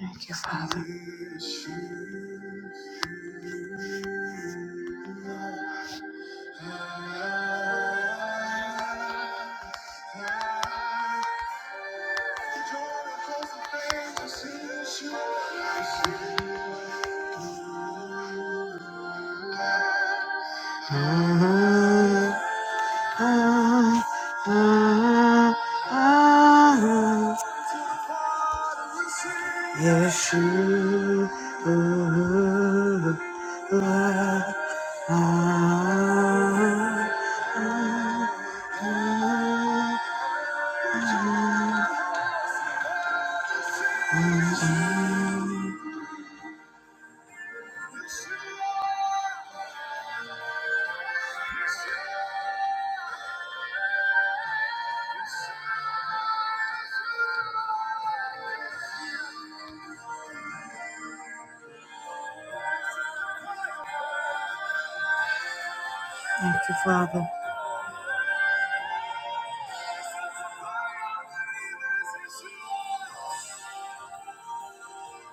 Thank you, Father.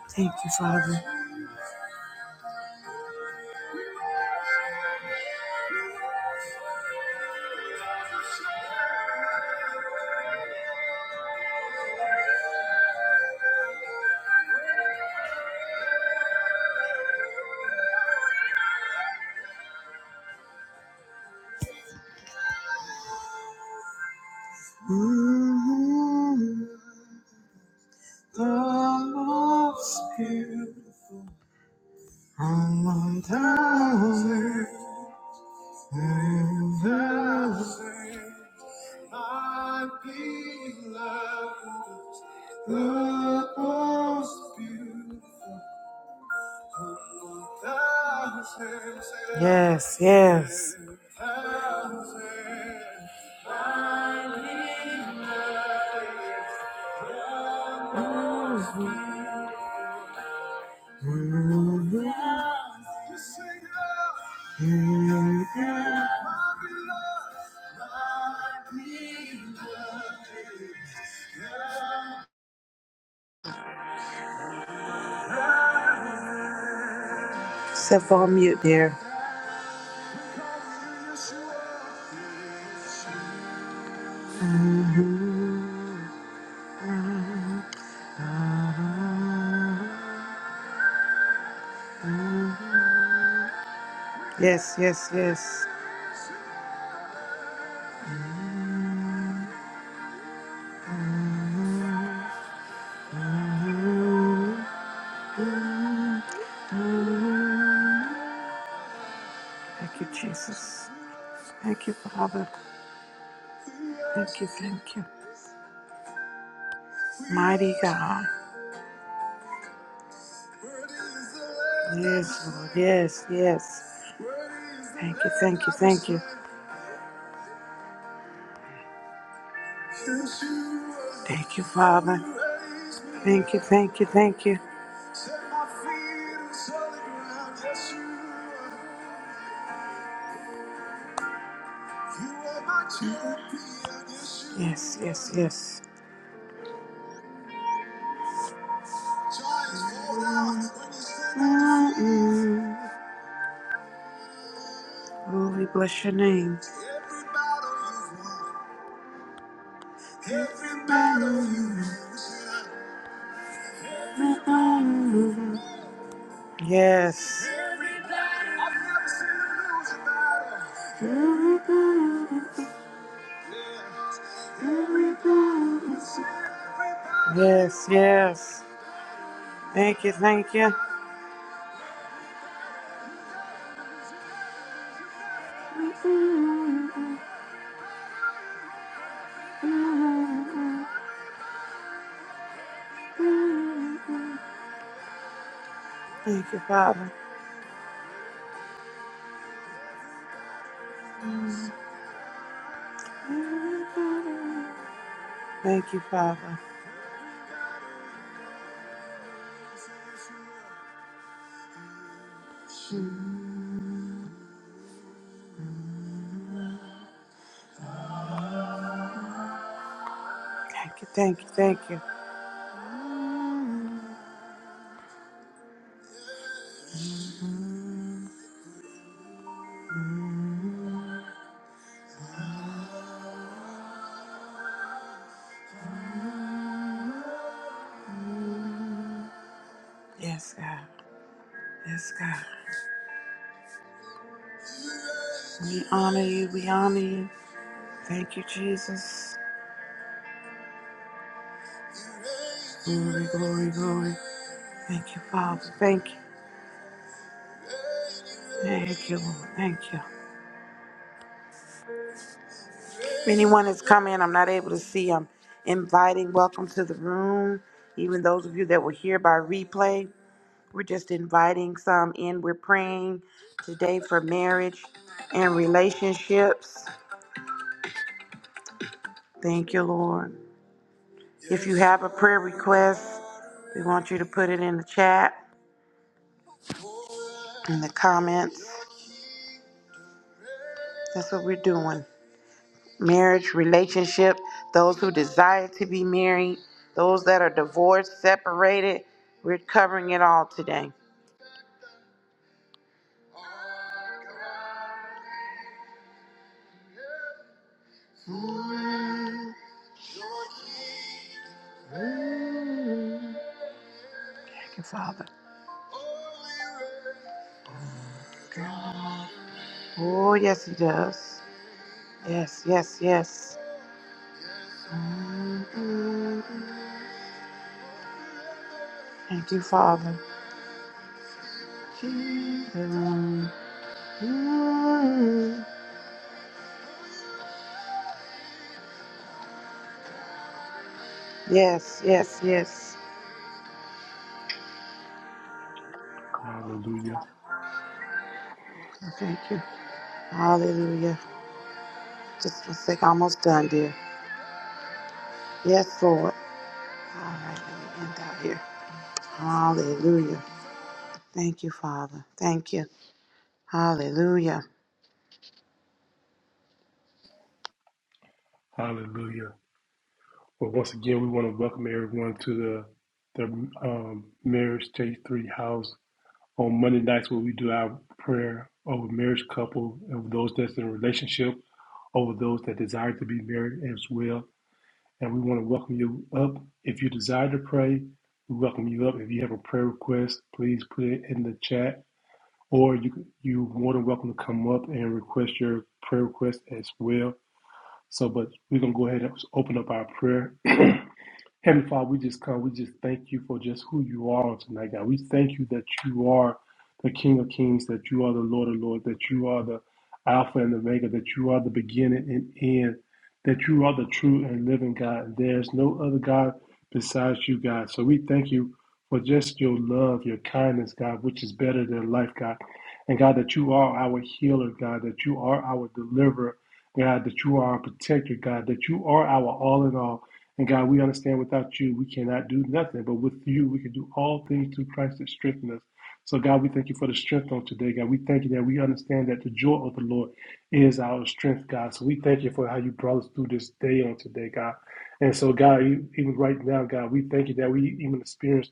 Thank you, Father. Yes, yes. Set for mute there. Yes, yes, yes. Thank you, Jesus. Thank you, Father. Thank you, thank you. Mighty God. Yes, Lord. Yes, yes. Thank you, thank you, thank you. Thank you, Father. Thank you, thank you, thank you. Yes, yes, yes. Mm-mm. Oh, we bless your name. Mm-mm. Yes. Mm-mm. Yes, yes. Thank you, thank you. Thank you, Father. Thank you, Father. Thank you, thank you, thank you. Yes, God. Yes, God. We honor you, we honor you. Thank you, Jesus. Glory, glory, glory. Thank you, Father. Thank you. Thank you, Lord. Thank you. If anyone has come in, I'm not able to see. I'm inviting. Welcome to the room. Even those of you that were here by replay, we're just inviting some in. We're praying today for marriage and relationships. Thank you, Lord. If you have a prayer request, we want you to put it in the chat, in the comments. That's what we're doing. marriage, relationship, those who desire to be married, those that are divorced, separated. We're covering it all today, Father. God. Oh, yes, He does. Yes, yes, yes. Thank you, Father. Yes, yes, yes. Hallelujah. Thank you. Hallelujah. Just one sec, almost done, dear. Yes, Lord. All right, let me end out here. Hallelujah. Thank you, Father. Thank you. Hallelujah. Hallelujah. Well, once again, we want to welcome everyone to the the um, Marriage J3 house. On Monday nights, where we do our prayer over marriage couple, over those that's in a relationship, over those that desire to be married as well. And we want to welcome you up. If you desire to pray, we welcome you up. If you have a prayer request, please put it in the chat. Or you, you more than welcome to come up and request your prayer request as well. So, but we're going to go ahead and open up our prayer Heavenly Father, we just come. We just thank you for just who you are tonight, God. We thank you that you are the King of Kings, that you are the Lord of Lords, that you are the Alpha and Omega, that you are the beginning and end, that you are the true and living God. And there's no other God besides you, God. So we thank you for just your love, your kindness, God, which is better than life, God. And God, that you are our healer, God, that you are our deliverer, God, that you are our protector, God, that you are our all in all. And God, we understand without you, we cannot do nothing. But with you, we can do all things through Christ that strengthens us. So, God, we thank you for the strength on today, God. We thank you that we understand that the joy of the Lord is our strength, God. So, we thank you for how you brought us through this day on today, God. And so, God, e-, even right now, God, we thank you that we even experience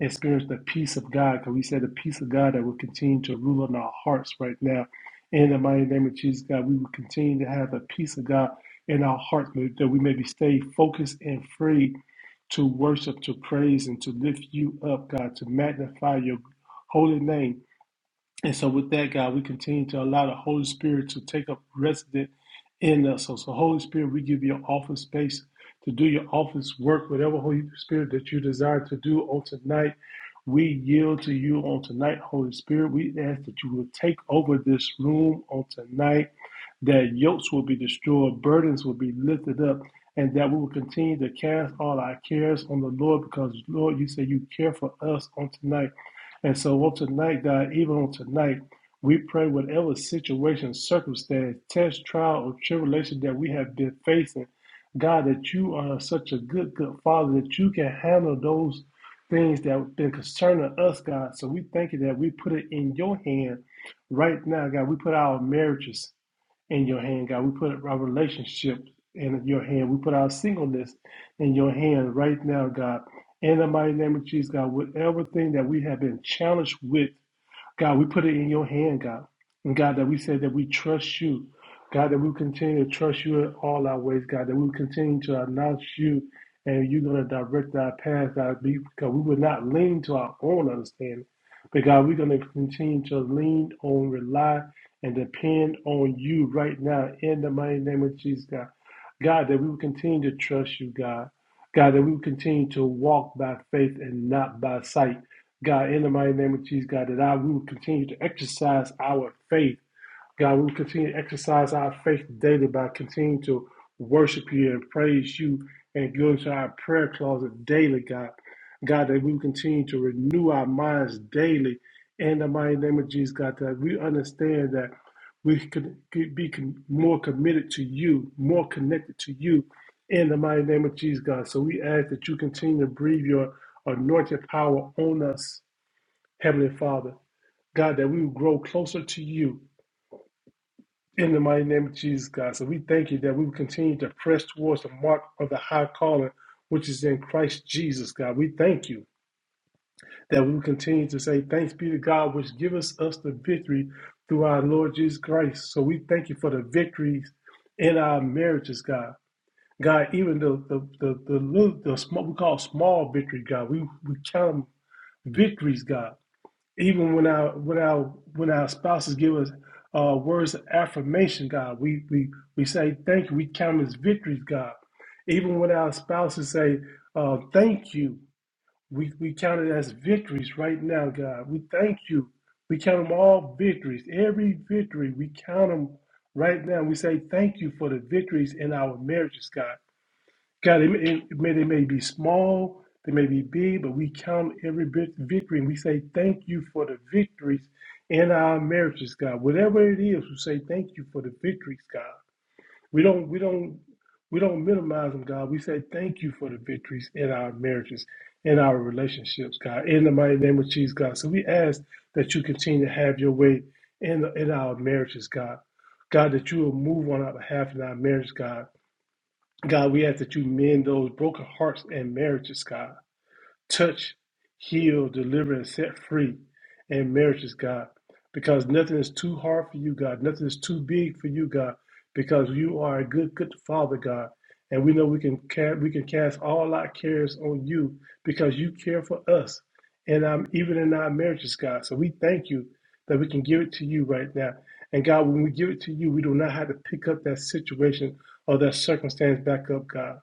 experience the peace of God, because we said the peace of God that will continue to rule in our hearts right now. In the mighty name of Jesus, God, we will continue to have the peace of God in our hearts, that we may be stay focused and free to worship, to praise, and to lift you up, God, to magnify your holy name and so, with that, God, we continue to allow the Holy Spirit to take up resident in us. So, so Holy Spirit, we give you an office space to do your office work, whatever Holy Spirit that you desire to do on tonight. We yield to you on tonight, Holy Spirit. We ask that you will take over this room on tonight, that yokes will be destroyed, burdens will be lifted up, and that we will continue to cast all our cares on the Lord because, Lord, you say you care for us on tonight. And so on tonight, God, even on tonight, we pray whatever situation, circumstance, test, trial, or tribulation that we have been facing, God, that you are such a good, good Father that you can handle those things that have been concerning us, God. So we thank you that we put it in your hand right now, God. We put our marriages in your hand, God. We put our relationship in your hand. We put our singleness in your hand right now, God. In the mighty name of Jesus, God, with everything that we have been challenged with God, we put it in your hand, God. And God, that we said that we trust you. God, that we continue to trust you in all our ways, God, that we continue to announce you and you're going to direct our path, God, because we will not lean to our own understanding. But God, we're going to continue to lean on, rely, and depend on you right now in the mighty name of Jesus, God. God, that we will continue to trust you, God. God, that we will continue to walk by faith and not by sight. God, in the mighty name of Jesus, God, that I we will continue to exercise our faith. God, we will continue to exercise our faith daily by continuing to worship you and praise you and go into our prayer closet daily, God. God, that we will continue to renew our minds daily in the mighty name of Jesus, God, that we understand that we could could be con- more committed to you, more connected to you in the mighty name of Jesus, God. So we ask that you continue to breathe your anointed power on us Heavenly Father, God, that we will grow closer to you in the mighty name of Jesus, God. So we thank you that we will continue to press towards the mark of the high calling, which is in Christ Jesus, God. We thank you that we will continue to say, Thanks be to God, which giveth us the victory through our Lord Jesus Christ. So we thank you for the victories in our marriages, God. God, even the the the the, little, the small, we call small victory, God. We we count 'em victories, God. even when our when our when our spouses give us uh, words of affirmation, God, we we we say thank you. We count it as victories, God. Even when our spouses say uh, thank you, we we count it as victories right now, God. We thank you. We count them all victories. Every victory we count them right now. We say thank you for the victories in our marriages, God. God, it may, it may, they may be small, they may be big, but we count every bit victory and we say thank you for the victories in our marriages, God. Whatever it is, we say thank you for the victories, God. We don't, we don't, we don't minimize them, God. We say thank you for the victories in our marriages, in our relationships, God. In the mighty name of Jesus, God. So we ask that you continue to have your way in in our marriages, God. God, that you will move on our behalf in our marriage, God. God, we ask that you mend those broken hearts and marriages, God touch, heal, deliver, and set free in marriages, God. Because nothing is too hard for you, God. Nothing is too big for you, God. Because you are a good, good Father, God. And we know we can ca- we can cast all our cares on you because you care for us, and um, even in our marriages, God. So we thank you that we can give it to you right now. And God, when we give it to you, we do not have to pick up that situation or that circumstance back up, God.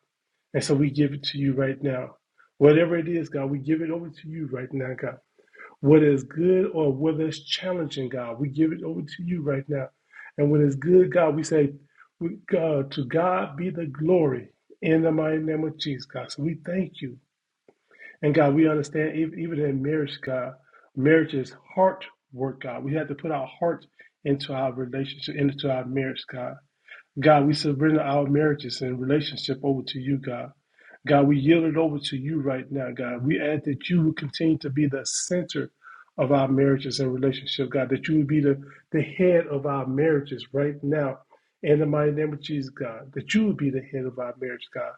And so we give it to you right now. Whatever it is, God, we give it over to you right now, God. What is good or what is challenging, God, we give it over to you right now. And when it's good, God, we say, we- God, to God be the glory in the mighty name of Jesus, God. So we thank you. And God, we understand ev- even in marriage, God, marriage is heart work, God. We have to put our heart into our relationship, into our marriage, God. God, we surrender our marriages and relationship over to you, God. God, we yield it over to you right now, God. We ask that you would continue to be the center of our marriages and relationships, God, that you would be the, the head of our marriages right now. In the mighty name of Jesus, God, that you would be the head of our marriage, God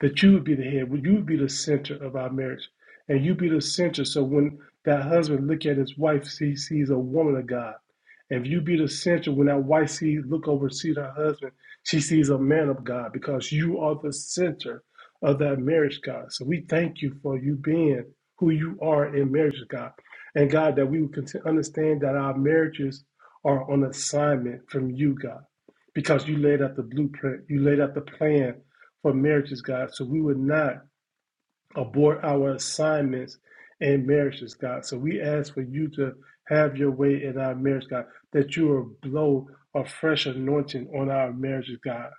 that you would be the head, you would be the center of our marriage, and you be the center. So when that husband look at his wife, he sees a woman of God. If you be the center, when that wife sees look over, sees her husband, she sees a man of God because you are the center of that marriage, God. So we thank you for you being who you are in marriage, God, and God that we would continue, understand that our marriages are on assignment from you, God, because you laid out the blueprint, you laid out the plan for marriages, God. So we would not abort our assignments in marriages, God. So we ask for you to have your way in our marriage, God, that you will blow a fresh anointing on our marriages, God,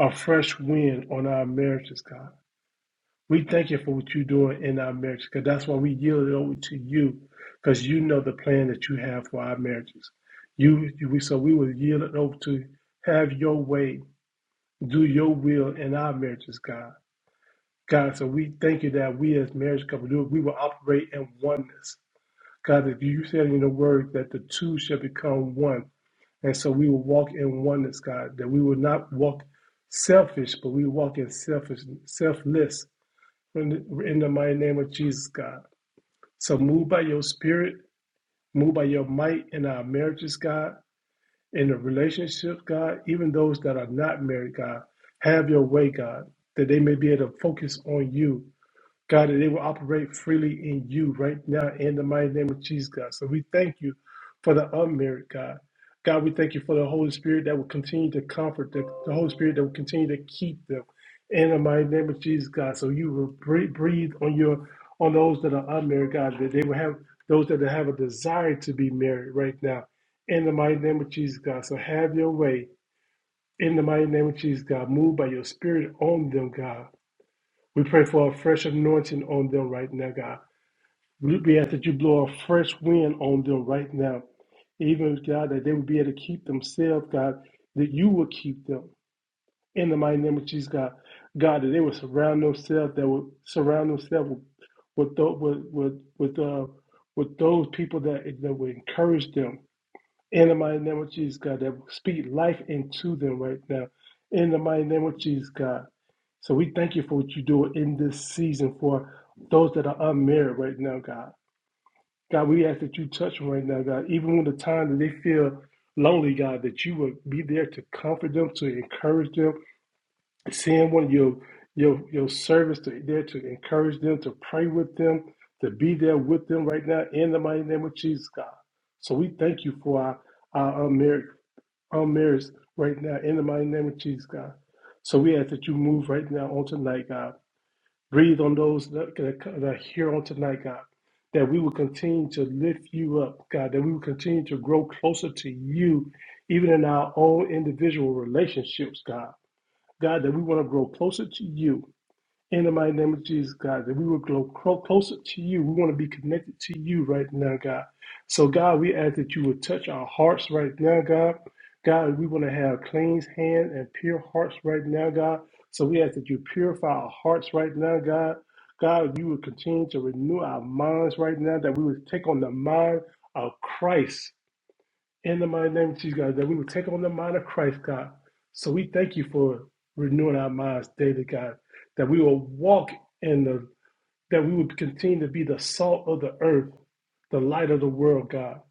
a fresh wind on our marriages, God. We thank you for what you're doing in our marriages, because that's why we yield it over to you, because you know the plan that you have for our marriages. You, we so we will yield it over to have your way, do your will in our marriages, God. God, so we thank you that we as marriage couple do we will operate in oneness. God, if you said in the word that the two shall become one. And so we will walk in oneness, God, that we will not walk selfish, but we walk in selfish selfless in the, in the mighty name of Jesus, God. So move by your spirit, move by your might in our marriages, God, in the relationships, God, even those that are not married, God. Have your way, God, that they may be able to focus on you God, that they will operate freely in you right now in the mighty name of Jesus, God. So we thank you for the unmarried, God. God, we thank you for the Holy Spirit that will continue to comfort them, the Holy Spirit that will continue to keep them in the mighty name of Jesus, God. So you will breathe, breathe on your on those that are unmarried, God, that they will have those that have a desire to be married right now in the mighty name of Jesus, God. So have your way in the mighty name of Jesus, God. Move by your spirit on them, God we pray for a fresh anointing on them right now, God. We we ask that you blow a fresh wind on them right now. Even, God, that they would be able to keep themselves, God, that you will keep them. In the mighty name of Jesus, God. God, that they would surround themselves, that would surround themselves with with tho- with with, with, uh, with those people that, that would encourage them, in the mighty name of Jesus, God, that will speak life into them right now. In the mighty name of Jesus, God. So we thank you for what you do in this season for those that are unmarried right now, God. God, we ask that you touch them right now, God. Even when the time that they feel lonely, God, that you will be there to comfort them, to encourage them. Send one of your your your service to, there to encourage them, to pray with them, to be there with them right now in the mighty name of Jesus, God. So we thank you for our, our unmarried our marriage right now in the mighty name of Jesus, God. So we ask that you move right now on tonight, God. Breathe on those that, that, that are here on tonight, God. That we will continue to lift you up, God. That we will continue to grow closer to you, even in our own individual relationships, God. God, that we want to grow closer to you in the mighty name of Jesus, God, that we will grow clo- closer to you. We want to be connected to you right now, God. So, God, we ask that you would touch our hearts right now, God. God, we want to have clean hands and pure hearts right now, God. So, we ask that you purify our hearts right now, God. God, you would continue to renew our minds right now, that we would take on the mind of Christ in the mighty name of Jesus, God, that we would take on the mind of Christ, God. So we thank you for renewing our minds daily, God, that we will walk in the, that we would continue to be the salt of the earth the light of the world, God.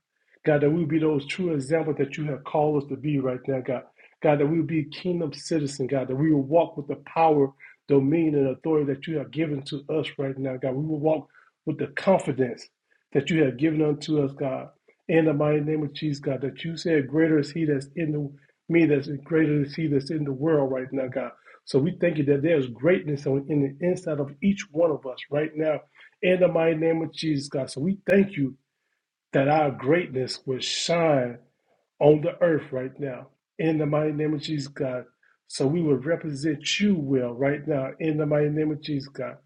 God, that we would be those true examples that you have called us to be right now, God. God, that we will be kingdom citizen, God, that we will walk with the power, dominion, and authority that you have given to us right now, God. We will walk with the confidence that you have given unto us, God. In the mighty name of Jesus, God, that you said, Greater is he that's in the me that's greater is he that's in the world right now, God. So we thank you that there's greatness on- in the inside of each one of us right now. In the mighty name of Jesus, God. So we thank you that our greatness would shine on the earth right now. In the mighty name of Jesus, God. So we would represent you well right now in the mighty name of Jesus, God.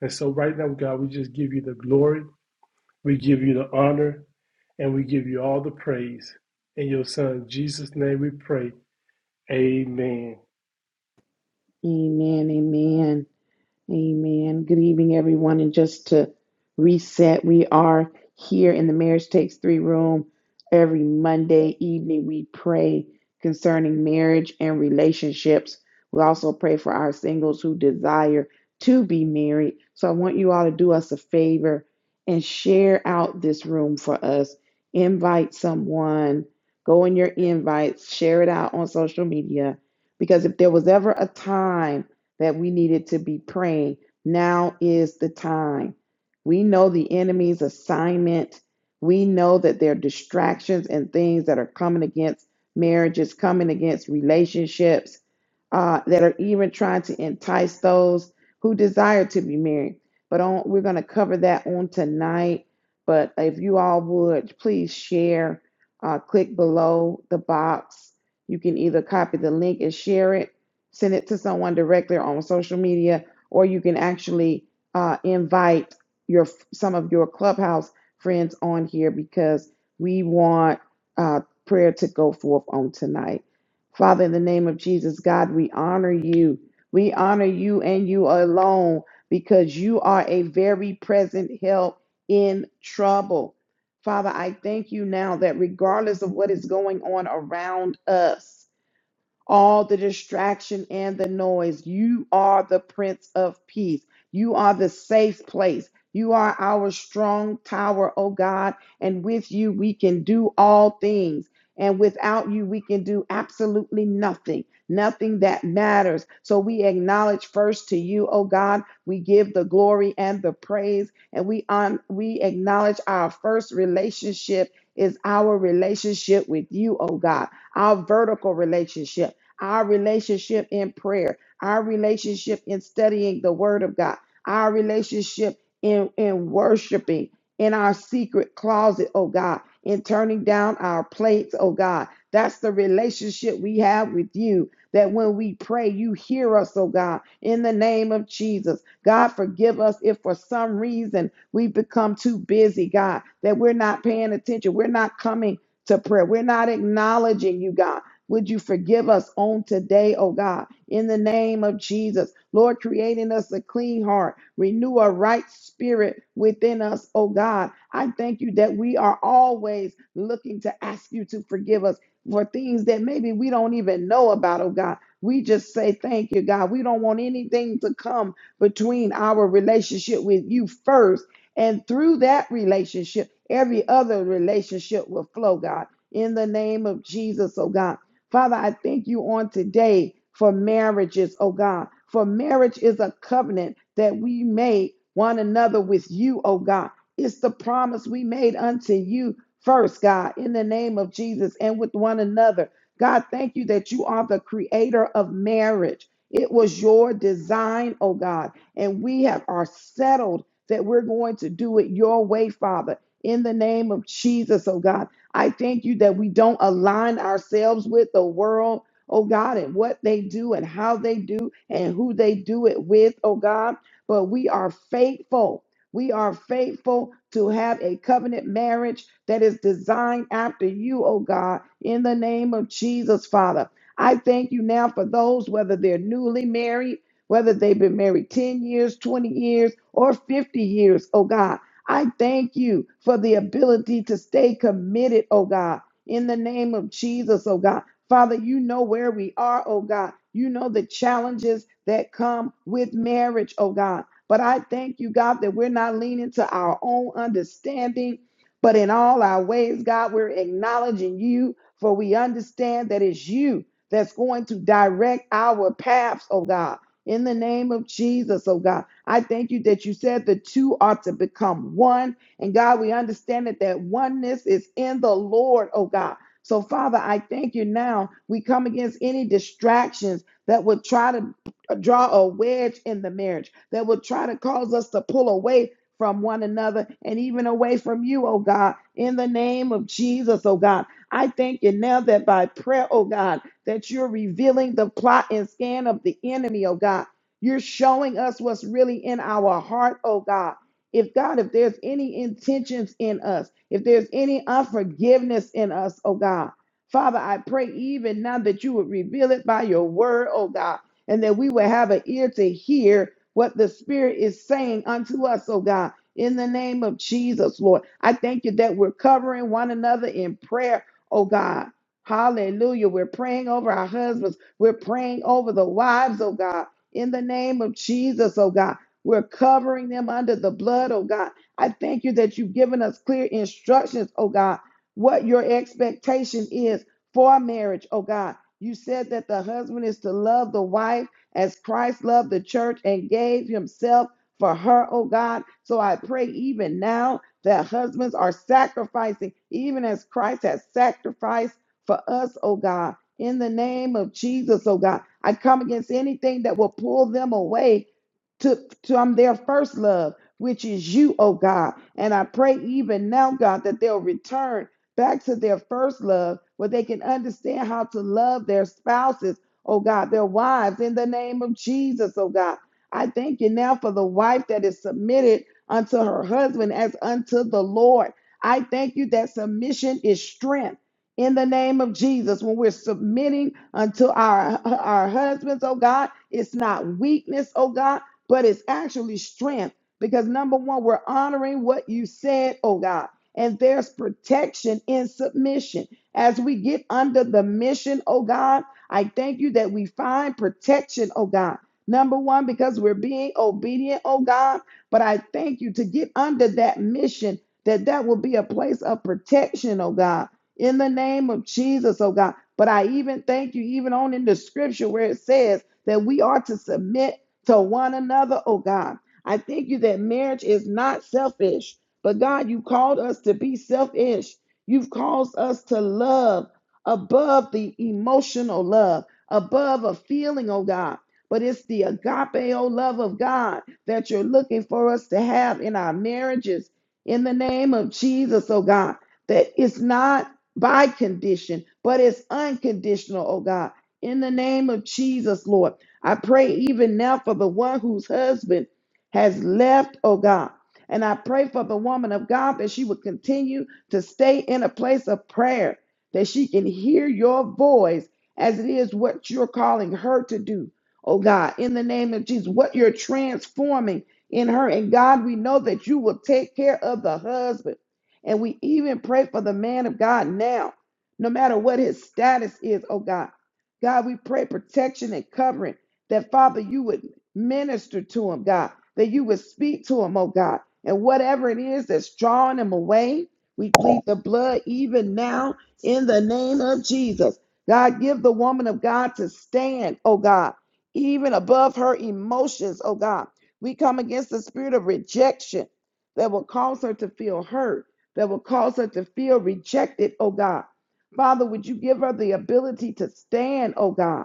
And so right now, God, we just give you the glory, we give you the honor, and we give you all the praise. In your son Jesus' name we pray. Amen. Amen. Amen. Amen. Good evening, everyone. And just to reset, we are here in the Marriage Takes Three room. Every Monday evening, we pray concerning marriage and relationships. We also pray for our singles who desire to be married. So I want you all to do us a favor and share out this room for us. Invite someone, go in your invites, share it out on social media. Because if there was ever a time, that we needed to be praying. Now is the time. We know the enemy's assignment. We know that there are distractions and things that are coming against marriages, coming against relationships, uh, that are even trying to entice those who desire to be married. But on, we're going to cover that on tonight. But if you all would, please share. Uh, click below the box. You can either copy the link and share it, send it to someone directly or on social media, or you can actually uh, invite your some of your clubhouse friends on here because we want uh, prayer to go forth on tonight. Father, in the name of Jesus, God, we honor you. We honor you and you alone because you are a very present help in trouble. Father, I thank you now that regardless of what is going on around us, all the distraction and the noise. You are the Prince of Peace. You are the safe place. You are our strong tower, oh God. And with you, we can do all things. And without you, we can do absolutely nothing, nothing that matters. So we acknowledge first to you, oh God. We give the glory and the praise. And we, on, we acknowledge our first relationship is our relationship with you, oh God, our vertical relationship our relationship in prayer, our relationship in studying the Word of God, our relationship in, in worshiping in our secret closet, oh God, in turning down our plates, oh God. That's the relationship we have with you. That when we pray, you hear us, oh God, in the name of Jesus. God, forgive us if for some reason we've become too busy, God, that we're not paying attention. We're not coming to prayer. We're not acknowledging you, God. Would you forgive us on today, oh God, in the name of Jesus? Lord, creating us a clean heart, renew a right spirit within us, oh God. I thank you that we are always looking to ask you to forgive us for things that maybe we don't even know about, oh God. We just say thank you, God. We don't want anything to come between our relationship with you first. And through that relationship, every other relationship will flow, God in the name of Jesus, oh God. Father, I thank you on today for marriages, oh God. For marriage is a covenant that we make one another with you, oh God. It's the promise we made unto you first, God, in the name of Jesus and with one another. God, thank you that you are the creator of marriage. It was your design, oh God, and we have are settled that we're going to do it your way, Father. In the name of Jesus, oh God. I thank you that we don't align ourselves with the world, oh God, and what they do and how they do and who they do it with, oh God. But we are faithful. We are faithful to have a covenant marriage that is designed after you, oh God, in the name of Jesus, Father. I thank you now for those, whether they're newly married, whether they've been married 10 years, 20 years, or 50 years, oh God. I thank you for the ability to stay committed, oh God, in the name of Jesus, oh God. Father, you know where we are, oh God. You know the challenges that come with marriage, oh God. But I thank you, God, that we're not leaning to our own understanding, but in all our ways, God, we're acknowledging you, for we understand that it's you that's going to direct our paths, oh God in the name of Jesus, oh God. I thank you that you said the two are to become one. And God, we understand that that oneness is in the Lord, oh God. So, Father, I thank you now. We come against any distractions that would try to draw a wedge in the marriage, that would try to cause us to pull away from one another and even away from you, oh God, in the name of Jesus, oh God. I thank you now that by prayer, oh God, that you're revealing the plot and scan of the enemy, oh God. You're showing us what's really in our heart, oh God. If God, if there's any intentions in us, if there's any unforgiveness in us, oh God. Father, I pray even now that you would reveal it by your word, oh God, and that we would have an ear to hear what the Spirit is saying unto us, oh God. In the name of Jesus, Lord, I thank you that we're covering one another in prayer, oh God. Hallelujah. We're praying over our husbands. We're praying over the wives, oh God, in the name of Jesus, oh God. We're covering them under the blood, oh God. I thank you that you've given us clear instructions, oh God, what your expectation is for marriage, oh God. You said that the husband is to love the wife as Christ loved the church and gave himself for her, oh God. So I pray even now that husbands are sacrificing, even as Christ has sacrificed for us, oh God. In the name of Jesus, oh God, I come against anything that will pull them away to, from their first love, which is you, oh God. And I pray even now, God, that they'll return back to their first love where they can understand how to love their spouses, oh God, their wives, in the name of Jesus, oh God. I thank you now for the wife that is submitted unto her husband as unto the Lord. I thank you that submission is strength in the name of Jesus when we're submitting unto our our husbands, oh God. It's not weakness, oh God, but it's actually strength because number one, we're honoring what you said, oh God. And there's protection in submission. As we get under the mission, oh God, I thank you that we find protection, oh God. Number one, because we're being obedient, oh God. But I thank you to get under that mission, that that will be a place of protection, oh God in the name of Jesus, oh God. But I even thank you, even on in the scripture where it says that we are to submit to one another, oh God. I thank you that marriage is not selfish, but God, you called us to be selfish. You've called us to love above the emotional love, above a feeling, oh God. But it's the agape, oh love of God, that you're looking for us to have in our marriages in the name of Jesus, oh God that it's not by condition, but it's unconditional, oh God. In the name of Jesus, Lord, I pray even now for the one whose husband has left, oh God. And I pray for the woman of God that she would continue to stay in a place of prayer, that she can hear your voice as it is what you're calling her to do, oh God. In the name of Jesus, what you're transforming in her. And God, we know that you will take care of the husband. And we even pray for the man of God now, no matter what his status is, oh God. God, we pray protection and covering that, Father, you would minister to him, God, that you would speak to him, oh God. And whatever it is that's drawing him away, we plead the blood even now in the name of Jesus. God, give the woman of God to stand, oh God, even above her emotions, oh God. We come against the spirit of rejection that will cause her to feel hurt that will cause her to feel rejected, oh God. Father, would you give her the ability to stand, oh God?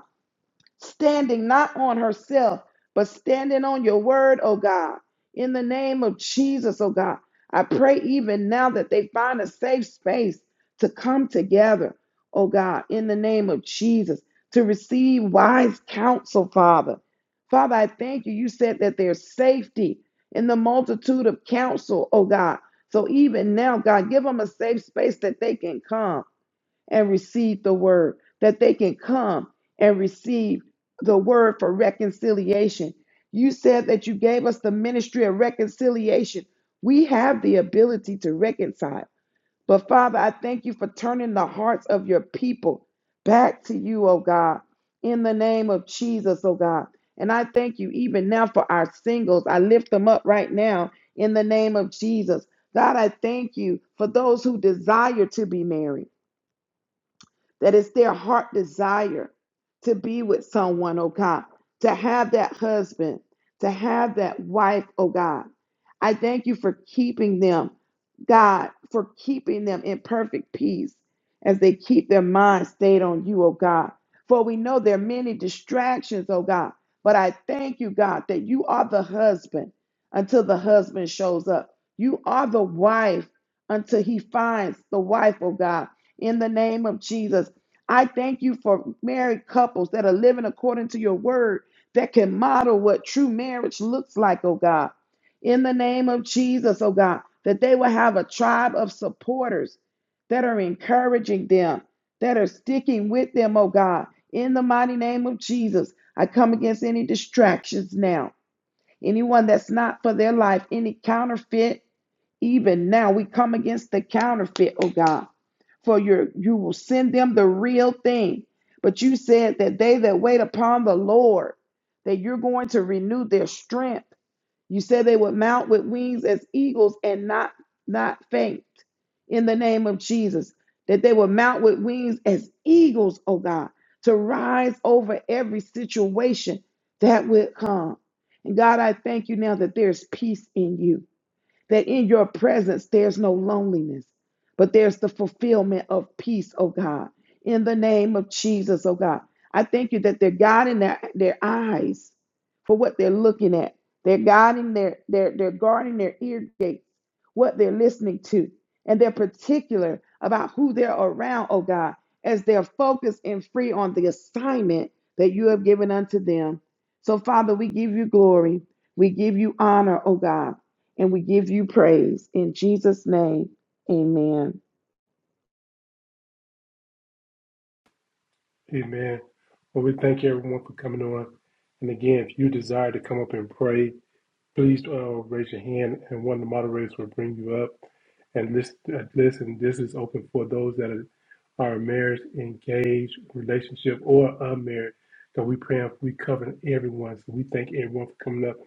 standing not on herself, but standing on your word, oh God. In the name of Jesus, oh God, I pray even now that they find a safe space to come together, oh God, in the name of Jesus, to receive wise counsel, Father. Father, I thank you. You said that there's safety in the multitude of counsel, oh God. So even now, God, give them a safe space that they can come and receive the word, that they can come and receive the word for reconciliation. You said that you gave us the ministry of reconciliation. We have the ability to reconcile. But Father, I thank you for turning the hearts of your people back to you, oh God, in the name of Jesus, oh God. And I thank you even now for our singles. I lift them up right now in the name of Jesus. God, I thank you for those who desire to be married that it's their heart desire to be with someone, oh God, to have that husband, to have that wife, oh God. I thank you for keeping them, God, for keeping them in perfect peace as they keep their mind stayed on you, oh God. For we know there are many distractions, oh God. But I thank you, God, that you are the husband until the husband shows up. You are the wife until he finds the wife, oh God in the name of Jesus. I thank you for married couples that are living according to your word that can model what true marriage looks like, oh God. In the name of Jesus, oh God, that they will have a tribe of supporters that are encouraging them, that are sticking with them, oh God. In the mighty name of Jesus, I come against any distractions now Anyone that's not for their life, any counterfeit, even now we come against the counterfeit, oh God. For your you will send them the real thing. But you said that they that wait upon the Lord, that you're going to renew their strength. You said they would mount with wings as eagles and not not faint in the name of Jesus. That they would mount with wings as eagles, oh God, to rise over every situation that would come. And God, I thank you now that there's peace in you that in your presence there's no loneliness, but there's the fulfillment of peace, oh God. In the name of Jesus, oh God. I thank you that they're guarding their, their eyes for what they're looking at. They're guarding their their are they're guarding their ear gates, what they're listening to, and they're particular about who they're around, oh God, as they're focused and free on the assignment that you have given unto them. So, Father, we give you glory. We give you honor, oh God. And we give you praise in Jesus' name. Amen. Amen. Well, we thank everyone for coming on. And again, if you desire to come up and pray, Please uh, raise your hand, and one of the moderators will bring you up. And list, uh, listen, this is open for those that are, are married, engaged, relationship, or unmarried. So we pray we cover everyone. So we thank everyone for coming up,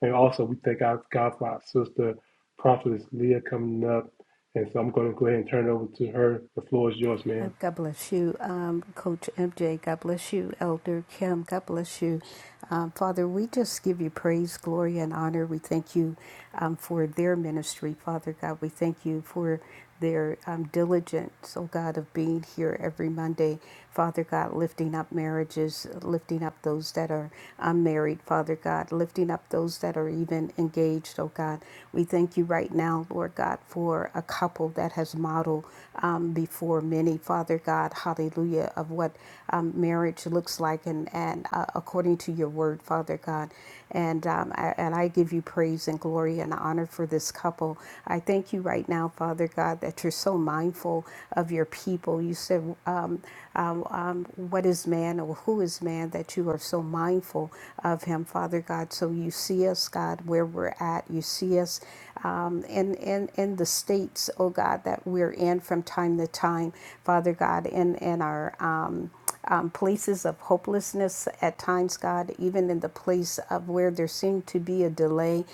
and also we thank our God for our sister, Prophetess Leah, coming up. And so I'm going to go ahead and turn it over to her. The floor is yours, Um, ma'am. God bless you, um, Coach MJ. God bless you, Elder Kim. God bless you. Um, Father, we just give you praise, glory, and honor. We thank you um, for their ministry, Father God. We thank you for their um, diligence, oh God, of being here every Monday. Father God, lifting up marriages, lifting up those that are unmarried, Father God, lifting up those that are even engaged, oh God. We thank you right now, Lord God, for a couple that has modeled um, before many, Father God, hallelujah, of what um, marriage looks like and, and uh, according to your word, Father God. And, um, I, and I give you praise and glory and honor for this couple. I thank you right now, Father God, that you're so mindful of your people. You said, um, um, um, what is man or who is man that you are so mindful of him, Father God. So you see us, God, where we're at. You see us um, in, in, in the states, oh God, that we're in from time to time, Father God, in, in our. Um, um, places of hopelessness at times, God, even in the place of where there seemed to be a delay.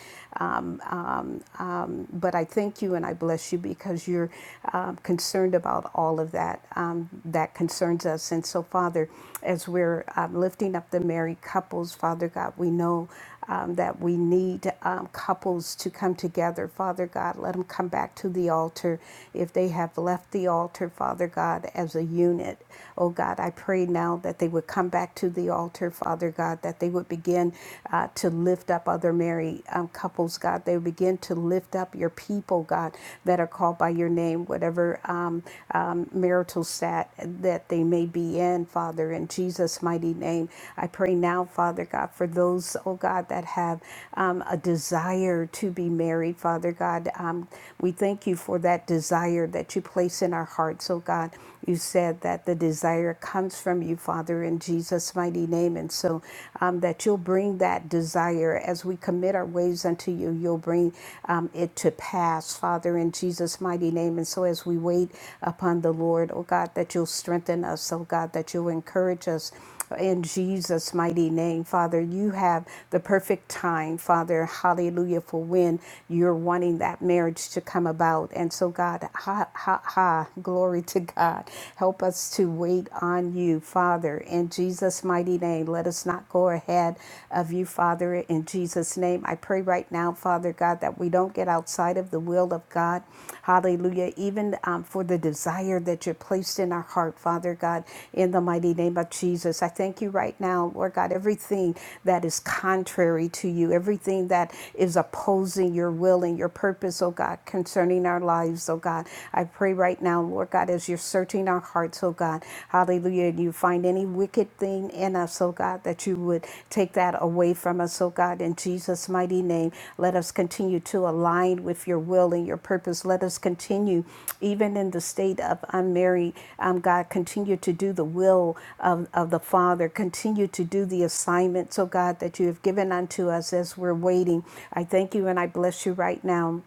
Um, but I thank you and I bless you because you're um, concerned about all of that um, that concerns us. And so, Father, as we're um, lifting up the married couples, Father God, we know um, that we need um, couples to come together. Father God, let them come back to the altar if they have left the altar, Father God, as a unit. Oh God, I pray now that they would come back to the altar, Father God, that they would begin uh, to lift up other married um, couples, God. They would begin to lift up your people, God, that are called by your name, whatever um, um, marital stat that they may be in, Father, in Jesus' mighty name. I pray now, Father God, for those, oh God, that have um, a desire to be married, Father God. Um, we thank you for that desire that you place in our hearts, oh God. God. You said that the desire comes from you, Father, in Jesus' mighty name. And so um, that you'll bring that desire as we commit our ways unto you, you'll bring um, it to pass, Father, in Jesus' mighty name. And so as we wait upon the Lord, oh God, that you'll strengthen us, oh God, that you'll encourage us. In Jesus' mighty name, Father, you have the perfect time, Father, hallelujah, for when you're wanting that marriage to come about. And so, God, ha, ha, ha, glory to God. Help us to wait on you, Father, in Jesus' mighty name. Let us not go ahead of you, Father, in Jesus' name. I pray right now, Father God, that we don't get outside of live the will of God. Hallelujah. Even um, for the desire that you are placed in our heart, Father God, in the mighty name of Jesus. I thank you right now, Lord God, everything that is contrary to you, everything that is opposing your will and your purpose, oh God, concerning our lives, oh God. I pray right now, Lord God, as you're searching our hearts, oh God, hallelujah, and you find any wicked wicked thing in us, oh God, that you would take that away from us, oh God, in Jesus' mighty name. Let us continue to align with your will and your purpose. Let us continue, even in the state of unmarried, um, God, continue to do the will of, of the Father. Continue to do the assignments, oh God, that you have given unto us as we're waiting. I thank you and I bless you right now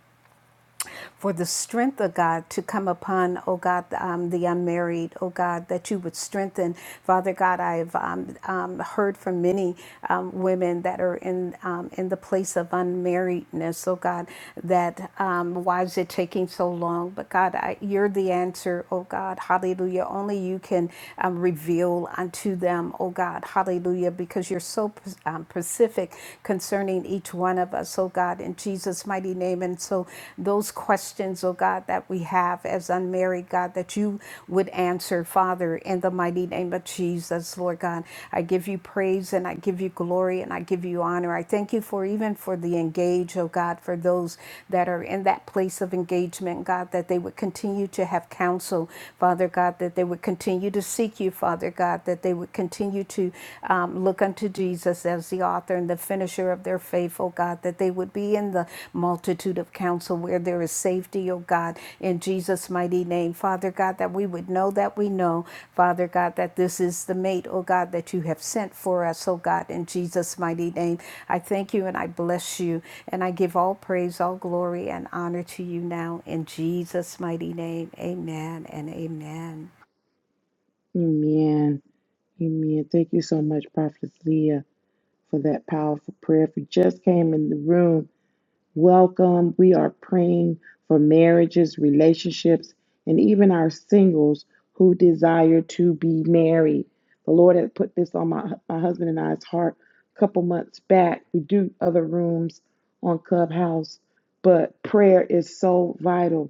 for the strength of God to come upon, oh God, um, the unmarried, oh God, that you would strengthen. Father God, I've um, um, heard from many um, women that are in um, in the place of unmarriedness, oh God, that um, why is it taking so long? But God, I, you're the answer, oh God, hallelujah. Only you can um, reveal unto them, oh God, hallelujah, because you're so um, specific concerning each each one of us, oh God, in Jesus' mighty name. And so, those questions, oh God, that we have as unmarried, God, that you would answer, Father, in the mighty name of Jesus, Lord God. I give you praise and I give you glory and I give you honor. I thank you for even for the engage, oh God, for those that are in that place of engagement, God, that they would continue to have counsel, Father God, that they would continue to seek you, Father God, that they would continue to um, look unto Jesus as the author and the finisher of their faith, O God, that they would be in the multitude of counsel where there is safety, O God, in Jesus' mighty name. Father God, that we would know that we know, Father God, that this is the mate, O God, that you have sent for us, O God, in Jesus' mighty name. I thank you and I bless you, and I give all praise, all glory, and honor to you now in Jesus' mighty name. Amen and amen. Amen. Amen. Thank you so much, Prophet Leah, for that powerful prayer. If you just came in the room, welcome. We are praying for marriages, relationships, and even our singles who desire to be married. The Lord had put this on my, my husband and I's heart a couple months back. We do other rooms on Clubhouse, but prayer is so vital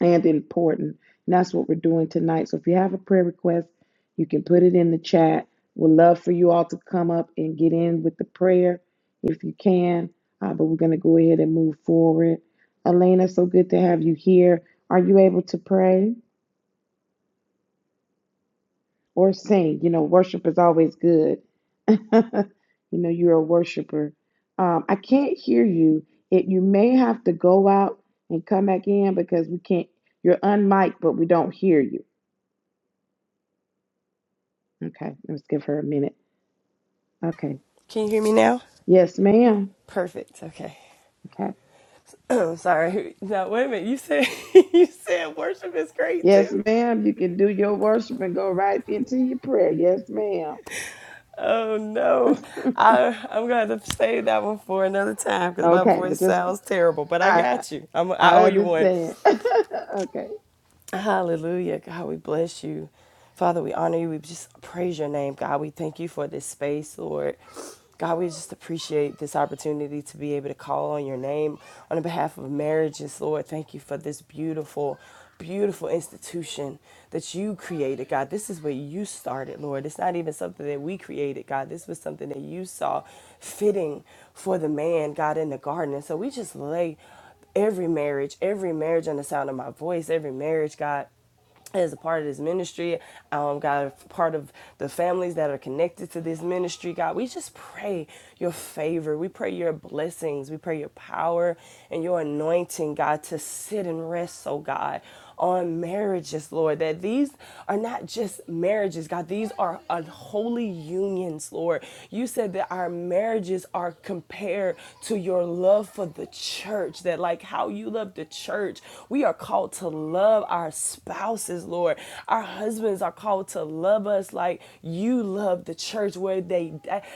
and important. And that's what we're doing tonight. So if you have a prayer request, you can put it in the chat. We'd love for you all to come up and get in with the prayer if you can. Uh, but we're going to go ahead and move forward. Elena, so good to have you here. Are you able to pray or sing? You know, worship is always good. you know, you're a worshiper. Um, I can't hear you. It, you may have to go out and come back in because we can't. You're unmiked, but we don't hear you. Okay, let's give her a minute. Okay. Can you hear me now? Yes, ma'am. Perfect. Okay. Okay. Oh, sorry. No, wait a minute. You said you said worship is great Yes, too. ma'am. You can do your worship and go right into your prayer. Yes, ma'am. Oh no, I I'm gonna have to save that one for another time because my okay, but voice just sounds terrible. But I I got you. I'm I I owe I you one. understand. okay. Hallelujah. God, we bless you. Father, we honor you. We just praise your name. God, we thank you for this space, Lord. God, we just appreciate this opportunity to be able to call on your name on behalf of marriages, Lord. Thank you for this beautiful, beautiful institution that you created, God. This is where you started, Lord. It's not even something that we created, God. This was something that you saw fitting for the man, God, in the garden. And so we just lay every marriage, every marriage on the sound of my voice, every marriage, God, as a part of this ministry, um, God, part of the families that are connected to this ministry, God, we just pray your favor. We pray your blessings. We pray your power and your anointing, God, to sit and rest, oh God, on marriages, Lord, that these are not just marriages, God, these are unholy unions, Lord. You said that our marriages are compared to your love for the church, that like how you love the church, we are called to love our spouses spouses, Lord. Our husbands are called to love us like you love the church, where they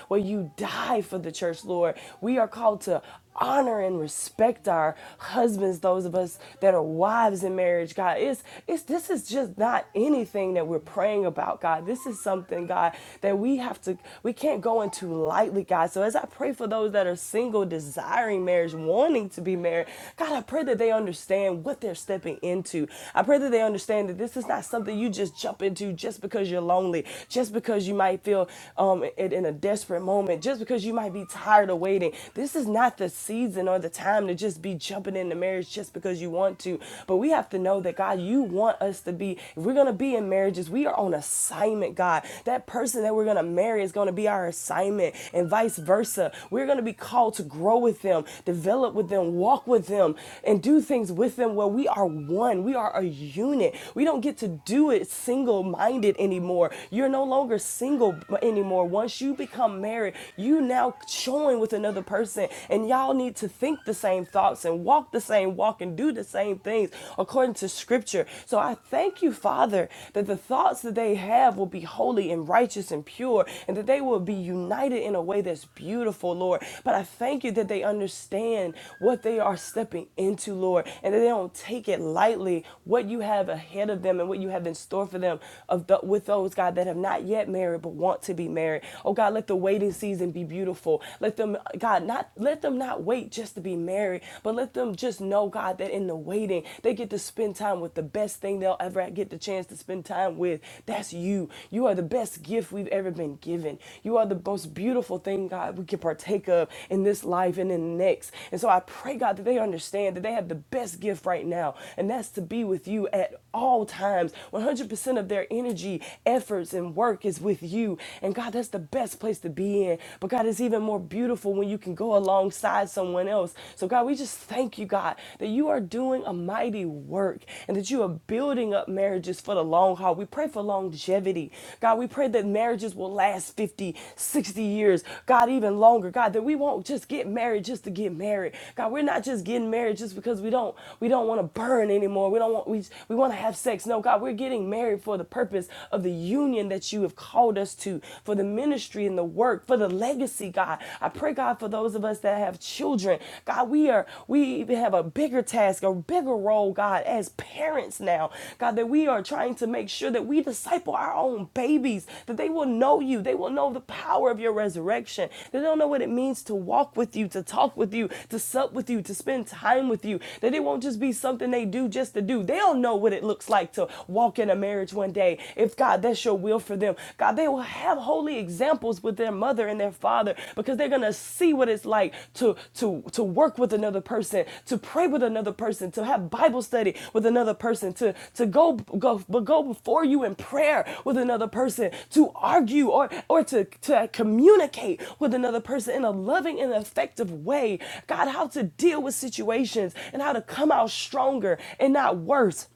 where you die for the church, Lord. We are called to honor and respect our husbands those of us that are wives in marriage god it's it's this is just not anything that we're praying about god this is something god that we have to we can't go into lightly god so as i pray for those that are single desiring marriage wanting to be married god i pray that they understand what they're stepping into i pray that they understand understand that this is not something you just jump into just because you're lonely, just because you might feel um, in, in a desperate moment, just because you might be tired of waiting. This is not the season or the time to just be jumping into marriage just because you want to. But we have to know that, God, you want us to be, if we're going to be in marriages, we are on assignment, God. That person that we're going to marry is going to be our assignment, and vice versa. We're going to be called to grow with them, develop with them, walk with them, and do things with them where we are one. We are a unit. We don't get to do it single minded anymore. You're no longer single anymore. Once you become married, you now join with another person, and y'all need to think the same thoughts and walk the same walk and do the same things according to scripture. So I thank you, Father, that the thoughts that they have will be holy and righteous and pure, and that they will be united in a way that's beautiful, Lord. But I thank you that they understand what they are stepping into, Lord, and that they don't take it lightly, what you have ahead ahead of them and what you have in store for them of the, with those, God, that have not yet married but want to be married. Oh, God, let the waiting season be beautiful. Let them, God, not let them not wait just to be married, but let them just know, God, that in the waiting, they get to spend time with the best thing they'll ever get the chance to spend time with. That's you. You are the best gift we've ever been given. You are the most beautiful thing, God, we can partake of in this life and in the next. And so I pray, God, that they understand that they have the best gift right now, and that's to be with you at all times. 100% of their energy, efforts, and work is with you. And God, that's the best place to be in. But God, it's even more beautiful when you can go alongside someone else. So, God, we just thank you, God, that you are doing a mighty work and that you are building up marriages for the long haul. We pray for longevity. God, we pray that marriages will last 50, 60 years. God, even longer. God, that we won't just get married just to get married. God, we're not just getting married just because we don't we don't want to burn anymore. We don't want we we want we want to have sex. No, God, we're getting married for the purpose of the union that you have called us to, for the ministry and the work, for the legacy, God. I pray, God, for those of us that have children. God, we are we even have a bigger task, a bigger role, God, as parents now. God, that we are trying to make sure that we disciple our own babies, that they will know you, they will know the power of your resurrection. They don't know what it means to walk with you, to talk with you, to sup with you, to spend time with you. That it won't just be something they do just to do. They'll know know what it looks like to walk in a marriage one day. If God, that's your will for them, God, they will have holy examples with their mother and their father because they're gonna see what it's like to to to work with another person, to pray with another person, to have Bible study with another person, to to go go but go before you in prayer with another person, to argue or or to to communicate with another person in a loving and effective way. God, how to deal with situations and how to come out stronger and not worse.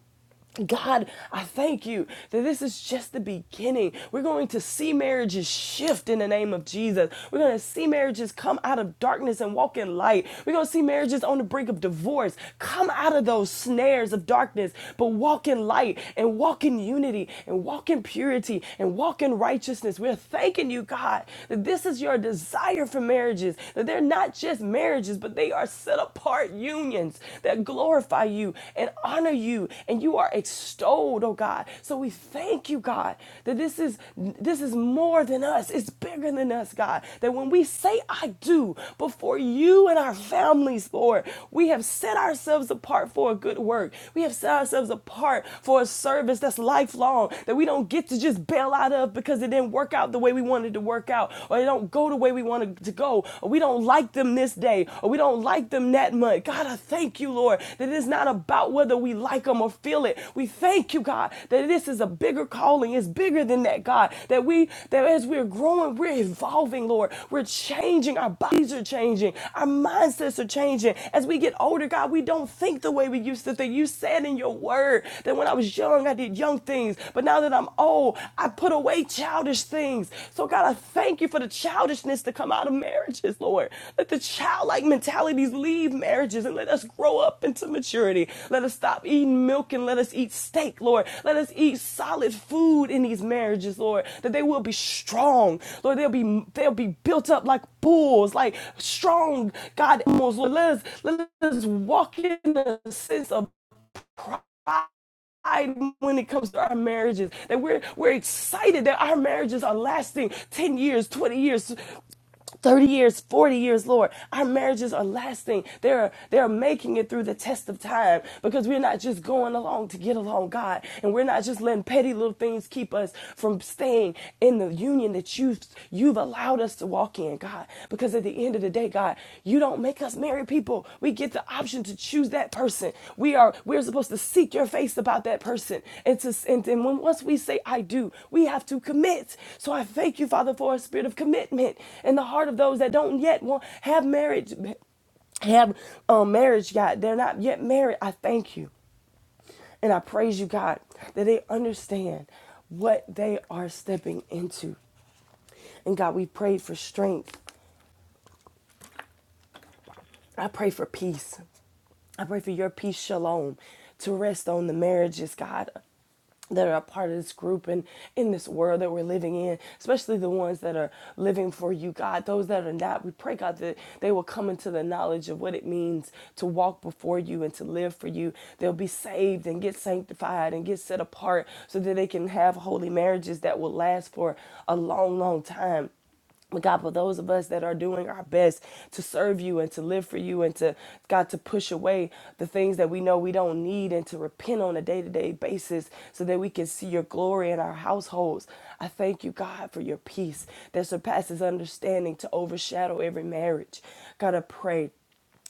God, I thank you that this is just the beginning. We're going to see marriages shift in the name of Jesus. We're going to see marriages come out of darkness and walk in light. We're going to see marriages on the brink of divorce come out of those snares of darkness, but walk in light and walk in unity and walk in purity and walk in righteousness. We're thanking you, God, that this is your desire for marriages, that they're not just marriages, but they are set apart heart unions that glorify you and honor you and you are extolled, oh God. So we thank you, God, that this is this is more than us. It's bigger than us, God. That when we say I do before you and our families, Lord, we have set ourselves apart for a good work. We have set ourselves apart for a service that's lifelong that we don't get to just bail out of because it didn't work out the way we wanted to work out or it don't go go the way we want to go, or we don't like them this day, or we don't like them that month. God, I thank you, Lord, that it is not about whether we like them or feel it. We thank you, God, that this is a bigger calling. It's bigger than that, God. That we that as we're growing, we're evolving, Lord. We're changing. Our bodies are changing. Our mindsets are changing. As we get older, God, we don't think the way we used to think. You said in your word that when I was young, I did young things, but now that I'm Oh, I put away childish things. So, God, I thank you for the childishness to come out of marriages, Lord. Let the childlike mentalities leave marriages and let us grow up into maturity. Let us stop eating milk and let us eat steak, Lord. Let us eat solid food in these marriages, Lord, that they will be strong. Lord, they'll be they'll be built up like bulls, like strong God animals. Lord, let us let us walk in a sense of pride when it comes to our marriages that we're we're excited that our marriages are lasting 10 years 20 years 30 years 40 years lord our marriages are lasting they're they're making it through the test of time because we're not just going along to get along god and we're not just letting petty little things keep us from staying in the union that you've you've allowed us to walk in god because at the end of the today god you don't make us marry people we get the option to choose that person we are we're supposed to seek your face about that person and to and, and when once we say i do we have to commit so i thank you father for a spirit of commitment in the heart of those that don't yet want have marriage have um, marriage god they're not yet married i thank you and i praise you god that they understand what they are stepping into and god we prayed for strength i pray for peace I pray for your peace, shalom, to rest on the marriages, God, that are a part of this group and in this world that we're living in, especially the ones that are living for you, God. Those that are not, we pray, God, that they will come into the knowledge of what it means to walk before you and to live for you. They'll be saved and get sanctified and get set apart so that they can have holy marriages that will last for a long, long time but God, for those of us that are doing our best to serve you and to live for you and to, God, to push away the things that we know we don't need and to repent on a day to day basis so that we can see your glory in our households, I thank you, God, for your peace that surpasses understanding to overshadow every marriage. God, I pray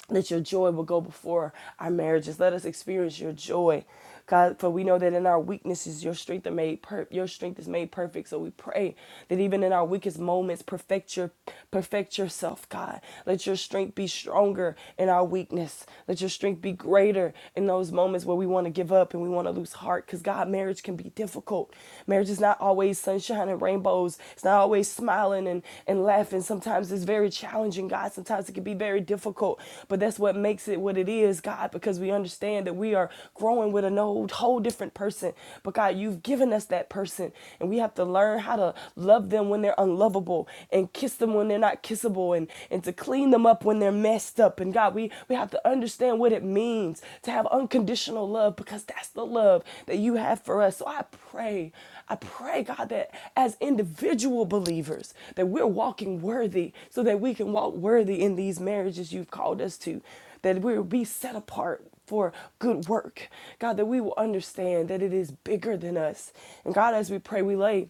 that your joy will go before our marriages. Let us experience your joy. God, for we know that in our weaknesses, your strength are made per- your strength is made perfect. So we pray that even in our weakest moments, perfect your perfect yourself, God. Let your strength be stronger in our weakness. Let your strength be greater in those moments where we want to give up and we want to lose heart. Because God, marriage can be difficult. Marriage is not always sunshine and rainbows. It's not always smiling and, and laughing. Sometimes it's very challenging, God. Sometimes it can be very difficult, but that's what makes it what it is, God, because we understand that we are growing with an old, whole different person. But God, you've given us that person, and we have to learn how to love them when they're unlovable and kiss them when they're not kissable and, and to clean them up when they're messed up. And God, we, we we have to understand what it means to have unconditional love because that's the love that you have for us. So I pray, I pray, God, that as individual believers, that we're walking worthy so that we can walk worthy in these marriages you've called us to, that we'll be set apart for good work. God, that we will understand that it is bigger than us. And God, as we pray, we lay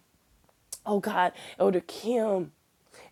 oh God, Elder Kim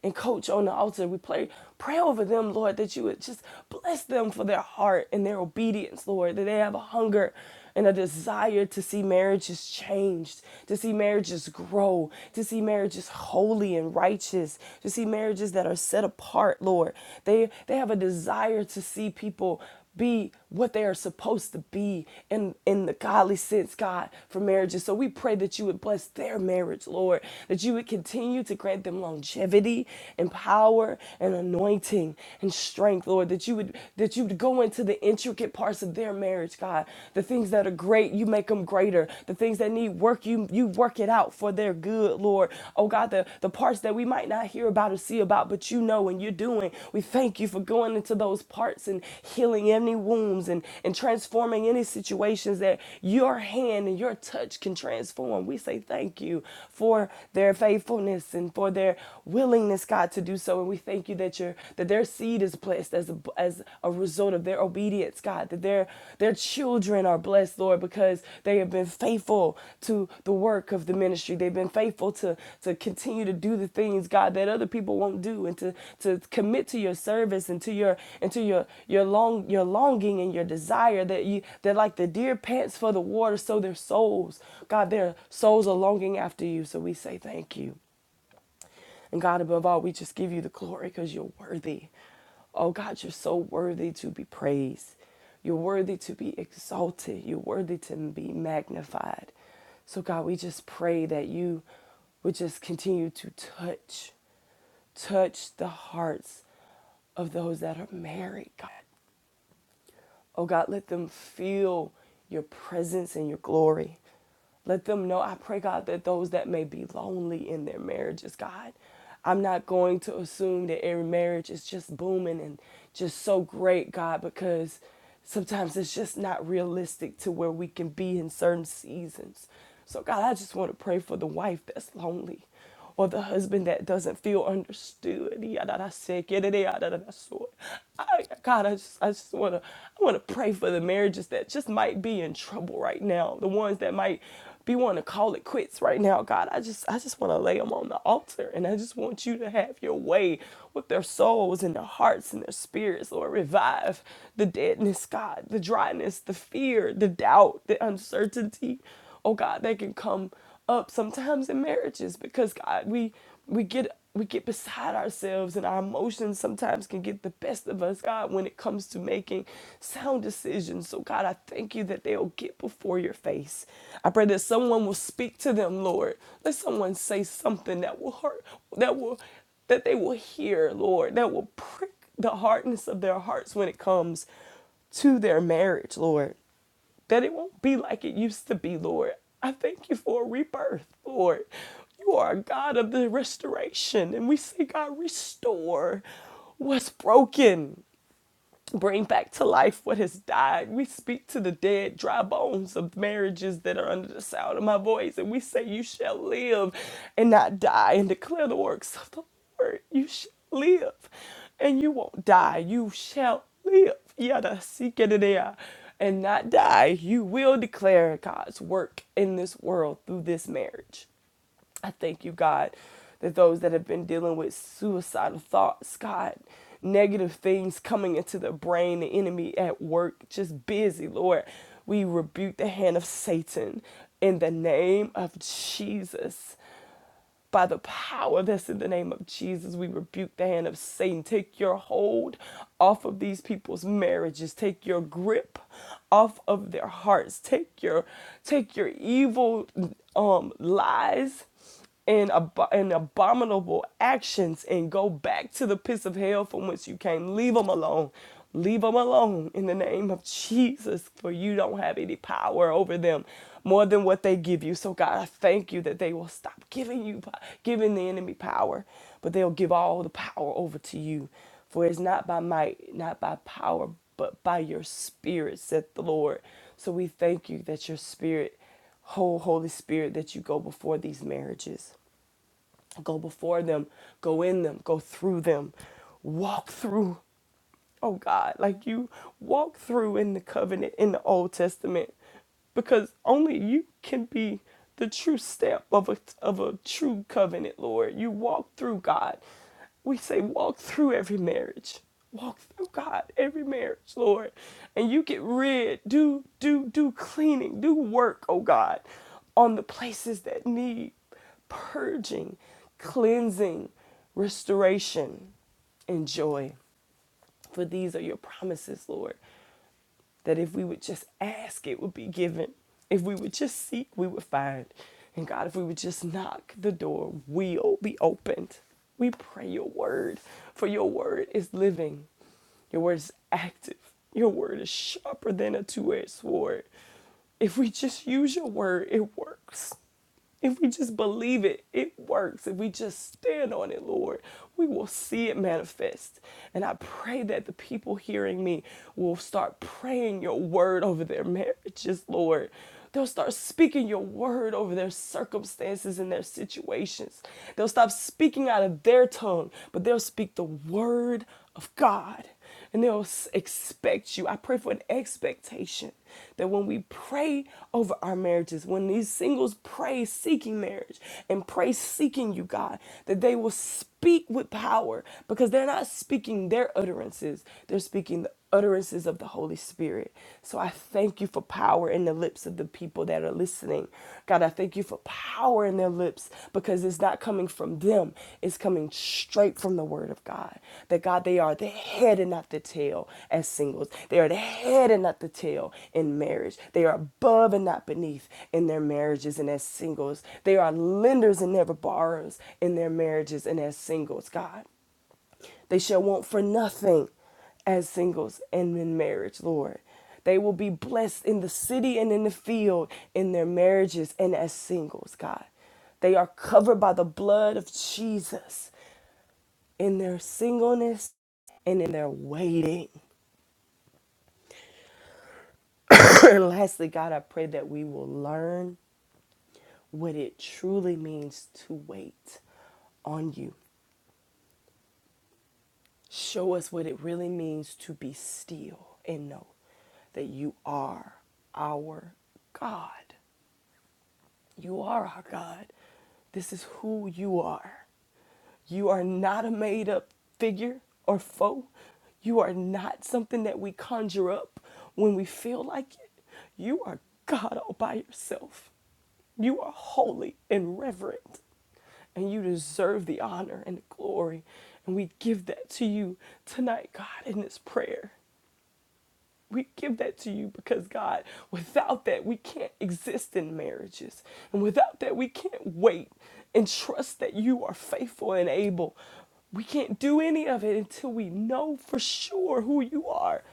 and Coach on the altar, we pray, pray over them, Lord, that you would just bless them for their heart and their obedience, Lord, that they have a hunger and a desire to see marriages changed, to see marriages grow, to see marriages holy and righteous, to see marriages that are set apart, Lord. They they have a desire to see people be what they are supposed to be in, in the godly sense, God, for marriages. So we pray that you would bless their marriage, Lord, that you would continue to grant them longevity and power and anointing and strength, Lord, that you would that you would go into the intricate parts of their marriage, God. The things that are great, you make them greater. The things that need work, you you work it out for their good, Lord. Lord. Oh God, the, the parts that we might not hear about or see about, but you know and you're doing. We thank you for going into those parts and healing any wounds and, and transforming any situations that your hand and your touch can transform. We say thank you for their faithfulness and for their willingness, God, to do so. And we thank you that your that their seed is blessed as a, as a result of their obedience hearts, God, that their their children are blessed, Lord, because they have been faithful to the work of the ministry. They've been faithful to to continue to do the things, God, that other people won't do and to to commit to your service and to your and to your your long your longing and your desire that you that like the deer pants for the water, so their souls, God, their souls are longing after you. So we say thank you. And God, above all, we just give you the glory because you're worthy. Oh God, you're so worthy to be praised. You're worthy to be exalted. You're worthy to be magnified. So, God, we just pray that you would just continue to touch, touch the hearts of those that are married, God. Oh God, let them feel your presence and your glory. Let them know, I pray, God, that those that may be lonely in their marriages, God, I'm not going to assume that every marriage is just booming and just so great, God, because sometimes it's just not realistic to where we can be in certain seasons. So, God, I just want to pray for the wife that's lonely or the husband that doesn't feel understood. Yadadasekedeyadadadaso. I, God, I just, I just wanna, I wanna pray for the marriages that just might be in trouble right now. The ones that might be wanting to call it quits right now. God, I just, I just wanna lay them on the altar, and I just want you to have your way with their souls and their hearts and their spirits. Lord, revive the deadness, God, the dryness, the fear, the doubt, the uncertainty oh God, that can come up sometimes in marriages because God, we we get we get beside ourselves and our emotions sometimes can get the best of us, God, when it comes to making sound decisions. So God, I thank you that they'll get before your face. I pray that someone will speak to them, Lord. Let someone say something that will hurt, that will that they will hear, Lord, that will prick the hardness of their hearts when it comes to their marriage, Lord that it won't be like it used to be, Lord. I thank you for a rebirth, Lord. You are a God of the restoration. And we say, God, restore what's broken bring back to life what has died. We speak to the dead, dry bones of marriages that are under the sound of my voice, and we say, You shall live and not die, and declare the works of the Lord. You shall live and you won't die. You shall live. Yada, sikadadea, And not die. You will declare God's work in this world through this marriage. I thank you, God, that those that have been dealing with suicidal thoughts, God, negative things coming into the brain, the enemy at work, just busy, Lord. We rebuke the hand of Satan in the name of Jesus. By the power that's in the name of Jesus, we rebuke the hand of Satan. Take your hold off of these people's marriages. Take your grip off of their hearts. Take your take your evil um, lies and, ab- and abominable actions and go back to the pits of hell from whence you came. Leave them alone. Leave them alone in the name of Jesus, for you don't have any power over them more than what they give you. So, God, I thank you that they will stop giving you, giving the enemy power, but they'll give all the power over to you. For it's not by might, not by power, but by your spirit, said the Lord. So, we thank you that your spirit whole Holy Spirit that you go before these marriages. Go before them, go in them, go through them, walk through oh God, like you walk through in the covenant in the Old Testament because only you can be the true step of a, of a true covenant, Lord. You walk through God. We say, walk through every marriage. Walk through God, every marriage, Lord. And you get rid, do, do, do cleaning, do work, oh God, on the places that need purging, cleansing, restoration, and joy. For these are your promises, Lord, that if we would just ask, it would be given. If we would just seek, we would find. And God, if we would just knock, the door will be opened. We pray your word, for your word is living. Your word is active. Your word is sharper than a two edged sword. If we just use your word, it works. If we just believe it, it works. If we just stand on it, Lord, we will see it manifest. And I pray that the people hearing me will start praying your word over their marriages, Lord. They'll start speaking your word over their circumstances and their situations. They'll stop speaking out of their tongue, but they'll speak the word of God and they'll expect you. I pray for an expectation that when we pray over our marriages, when these singles pray seeking marriage and pray seeking you, God, that they will speak with power because they're not speaking their utterances, they're speaking the utterances of the Holy Spirit. So I thank you for power in the lips of the people that are listening listening. God, I thank you for power in their lips because it's not coming from them, it's coming straight from the word of God. That God, they are the head and not the tail as singles, they are the head and not the tail in marriage, they are above and not beneath in their marriages and as singles, they are lenders and never borrowers in their marriages and as singles, God. They shall want for nothing as singles and in marriage, Lord. They will be blessed in the city and in the field, in their marriages and as singles, God. They are covered by the blood of Jesus in their singleness and in their waiting. and lastly, God, I pray that we will learn what it truly means to wait on you Show us what it really means to be still and know that you are our God. You are our God. This is who you are. You are not a made up figure or foe. You are not something that we conjure up when we feel like it. You are God all by yourself. You are holy and reverent, and you deserve the honor and the glory. And we give that to you tonight, God, in this prayer. We give that to you because, God, without that, we can't exist in marriages. And without that, we can't wait and trust that you are faithful and able. We can't do any of it until we know for sure who you are.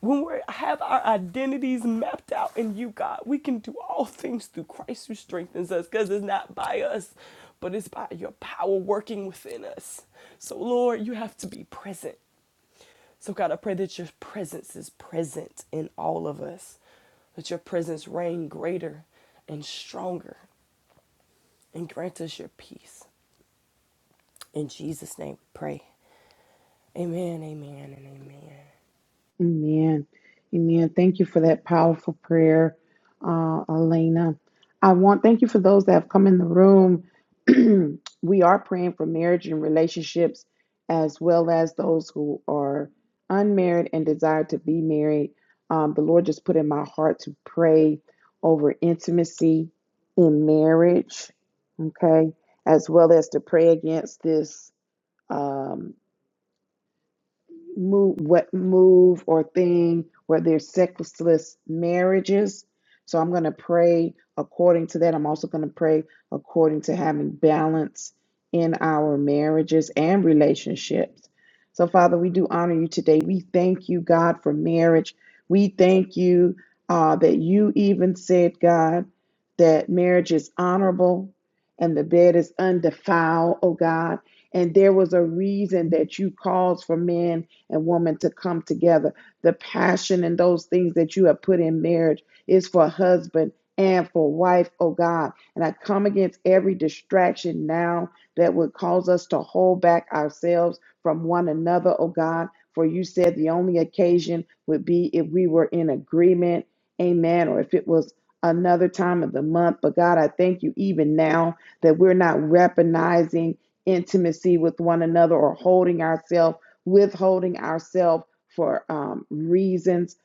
When we have our identities mapped out in you, God, we can do all things through Christ who strengthens us because it's not by us, but it's by your power working within us. So, Lord, you have to be present. So, God, I pray that your presence is present in all of us, that your presence reign greater and stronger, and grant us your peace. In Jesus' name we pray. Amen, amen, and amen. Amen. Amen. Thank you for that powerful prayer, uh, Elena. I want thank you for those that have come in the room. we are praying for marriage and relationships, as well as those who are unmarried and desire to be married. Um, the Lord just put in my heart to pray over intimacy in marriage, okay, as well as to pray against this. um, move what move or thing where there's sexless marriages. So I'm going to pray according to that. I'm also going to pray according to having balance in our marriages and relationships. So Father, we do honor you today. We thank you, God, for marriage. We thank you uh, that you even said, God, that marriage is honorable and the bed is undefiled, oh God. And there was a reason that you called for men and woman to come together. The passion and those things that you have put in marriage is for husband and for wife, oh God. And I come against every distraction now that would cause us to hold back ourselves from one another, oh God. For you said the only occasion would be if we were in agreement, amen, or if it was another time of the month. But God, I thank you even now that we're not recognizing intimacy with one another or holding ourselves withholding ourselves for um, reasons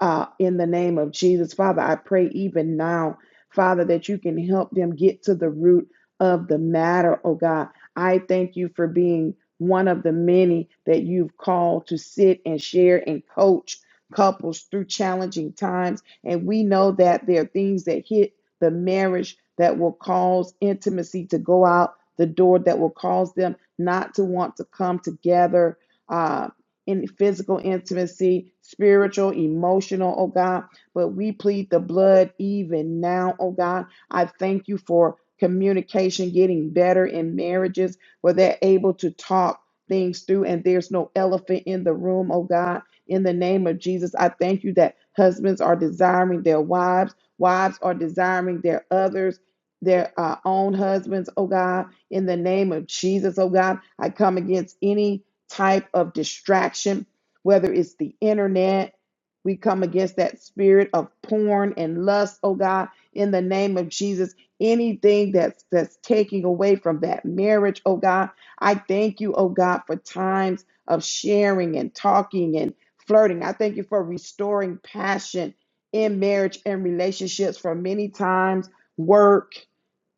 uh, in the name of Jesus. Father, I pray even now, Father, that you can help them get to the root of the matter, oh God. I thank you for being one of the many that you've called to sit and share and coach couples through challenging times. And we know that there are things that hit the marriage that will cause intimacy to go out the door, that will cause them not to want to come together uh, in physical intimacy, spiritual, emotional, oh God. But we plead the blood even now, oh God. I thank you for communication getting better in marriages where they're able to talk things through and there's no elephant in the room, oh God. In the name of Jesus, I thank you that husbands are desiring their wives, wives are desiring their others. Their uh, own husbands, oh God, in the name of Jesus, oh God, I come against any type of distraction, whether it's the internet. We come against that spirit of porn and lust, oh God, in the name of Jesus. Anything that's that's taking away from that marriage, oh God. I thank you, oh God, for times of sharing and talking and flirting. I thank you for restoring passion in marriage and relationships for many times work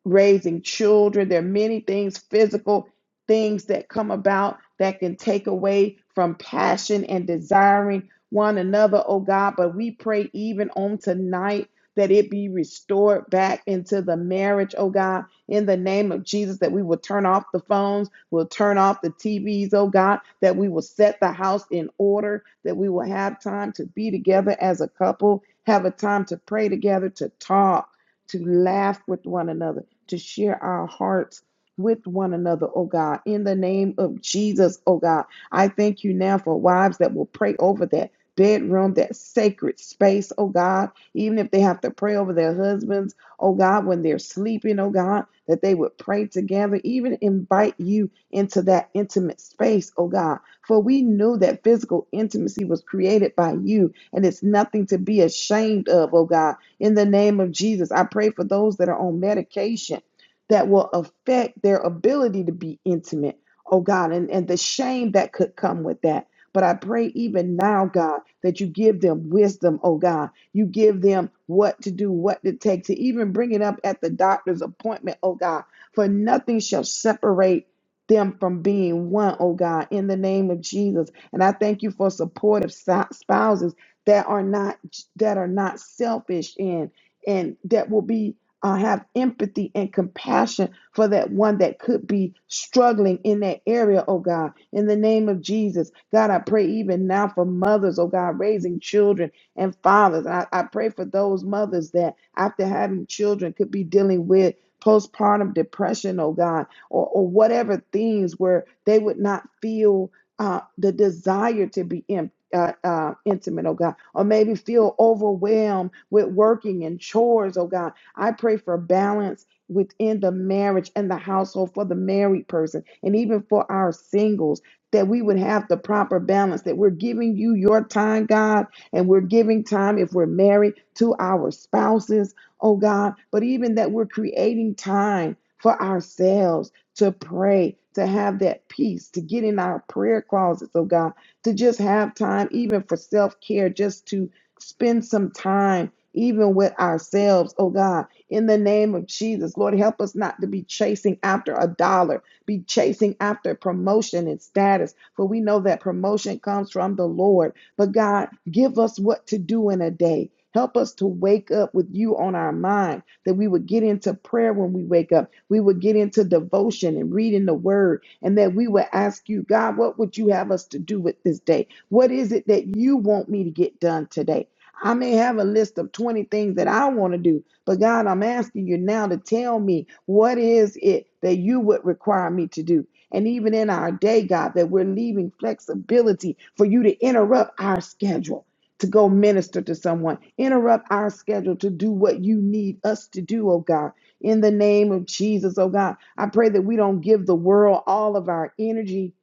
raising children. There are many things, physical things that come about that can take away from passion and desiring one another, oh God. But we pray even on tonight that it be restored back into the marriage, oh God, in the name of Jesus, that we will turn off the phones, we'll turn off the TVs, oh God, that we will set the house in order, that we will have time to be together as a couple, have a time to pray together, to talk, to laugh with one another to share our hearts with one another, oh God, in the name of Jesus, oh God. I thank you now for wives that will pray over that bedroom, that sacred space, oh God, even if they have to pray over their husbands, oh God, when they're sleeping, oh God, that they would pray together, even invite you into that intimate space, oh God. For we knew that physical intimacy was created by you and it's nothing to be ashamed of, oh God in the name of Jesus. I pray for those that are on medication that will affect their ability to be intimate, oh God, and, and the shame that could come with that. But I pray even now, God, that you give them wisdom, oh God. You give them what to do, what to take, to even bring it up at the doctor's appointment, oh God. For nothing shall separate them from being one, oh God, in the name of Jesus. And I thank you for supportive si- spouses that are not that are not selfish and and that will be uh, have empathy and compassion for that one that could be struggling in that area, oh God. In the name of Jesus, God, I pray even now for mothers, oh God, raising children and fathers. I, I pray for those mothers that, after having children, could be dealing with postpartum depression, oh God, or, or whatever things where they would not feel. Uh, the desire to be empty uh, uh, intimate, oh God, or maybe feel overwhelmed with working and chores, oh God. I pray for balance within the marriage and the household for the married person and even for our singles. That we would have the proper balance, that we're giving you your time, God, and we're giving time if we're married to our spouses, oh God, but even that we're creating time for ourselves to pray, to have that peace, to get in our prayer closets, oh God, to just have time, even for self care, just to spend some time, even with ourselves. Oh God, in the name of Jesus, Lord, help us not to be chasing after a dollar, be chasing after promotion and status, for we know that promotion comes from the Lord. But God, give us what to do in a day. Help us to wake up with you on our mind that we would get into prayer when we wake up. We would get into devotion and reading the word, and that we would ask you, God, what would you have us to do with this day? What is it that you want me to get done today? I may have a list of 20 things that I want to do, but God, I'm asking you now to tell me what is it that you would require me to do? And even in our day, God, that we're leaving flexibility for you to interrupt our schedule to go minister to someone. Interrupt our schedule to do what you need us to do, oh God. In the name of Jesus, oh God, I pray that we don't give the world all of our energy.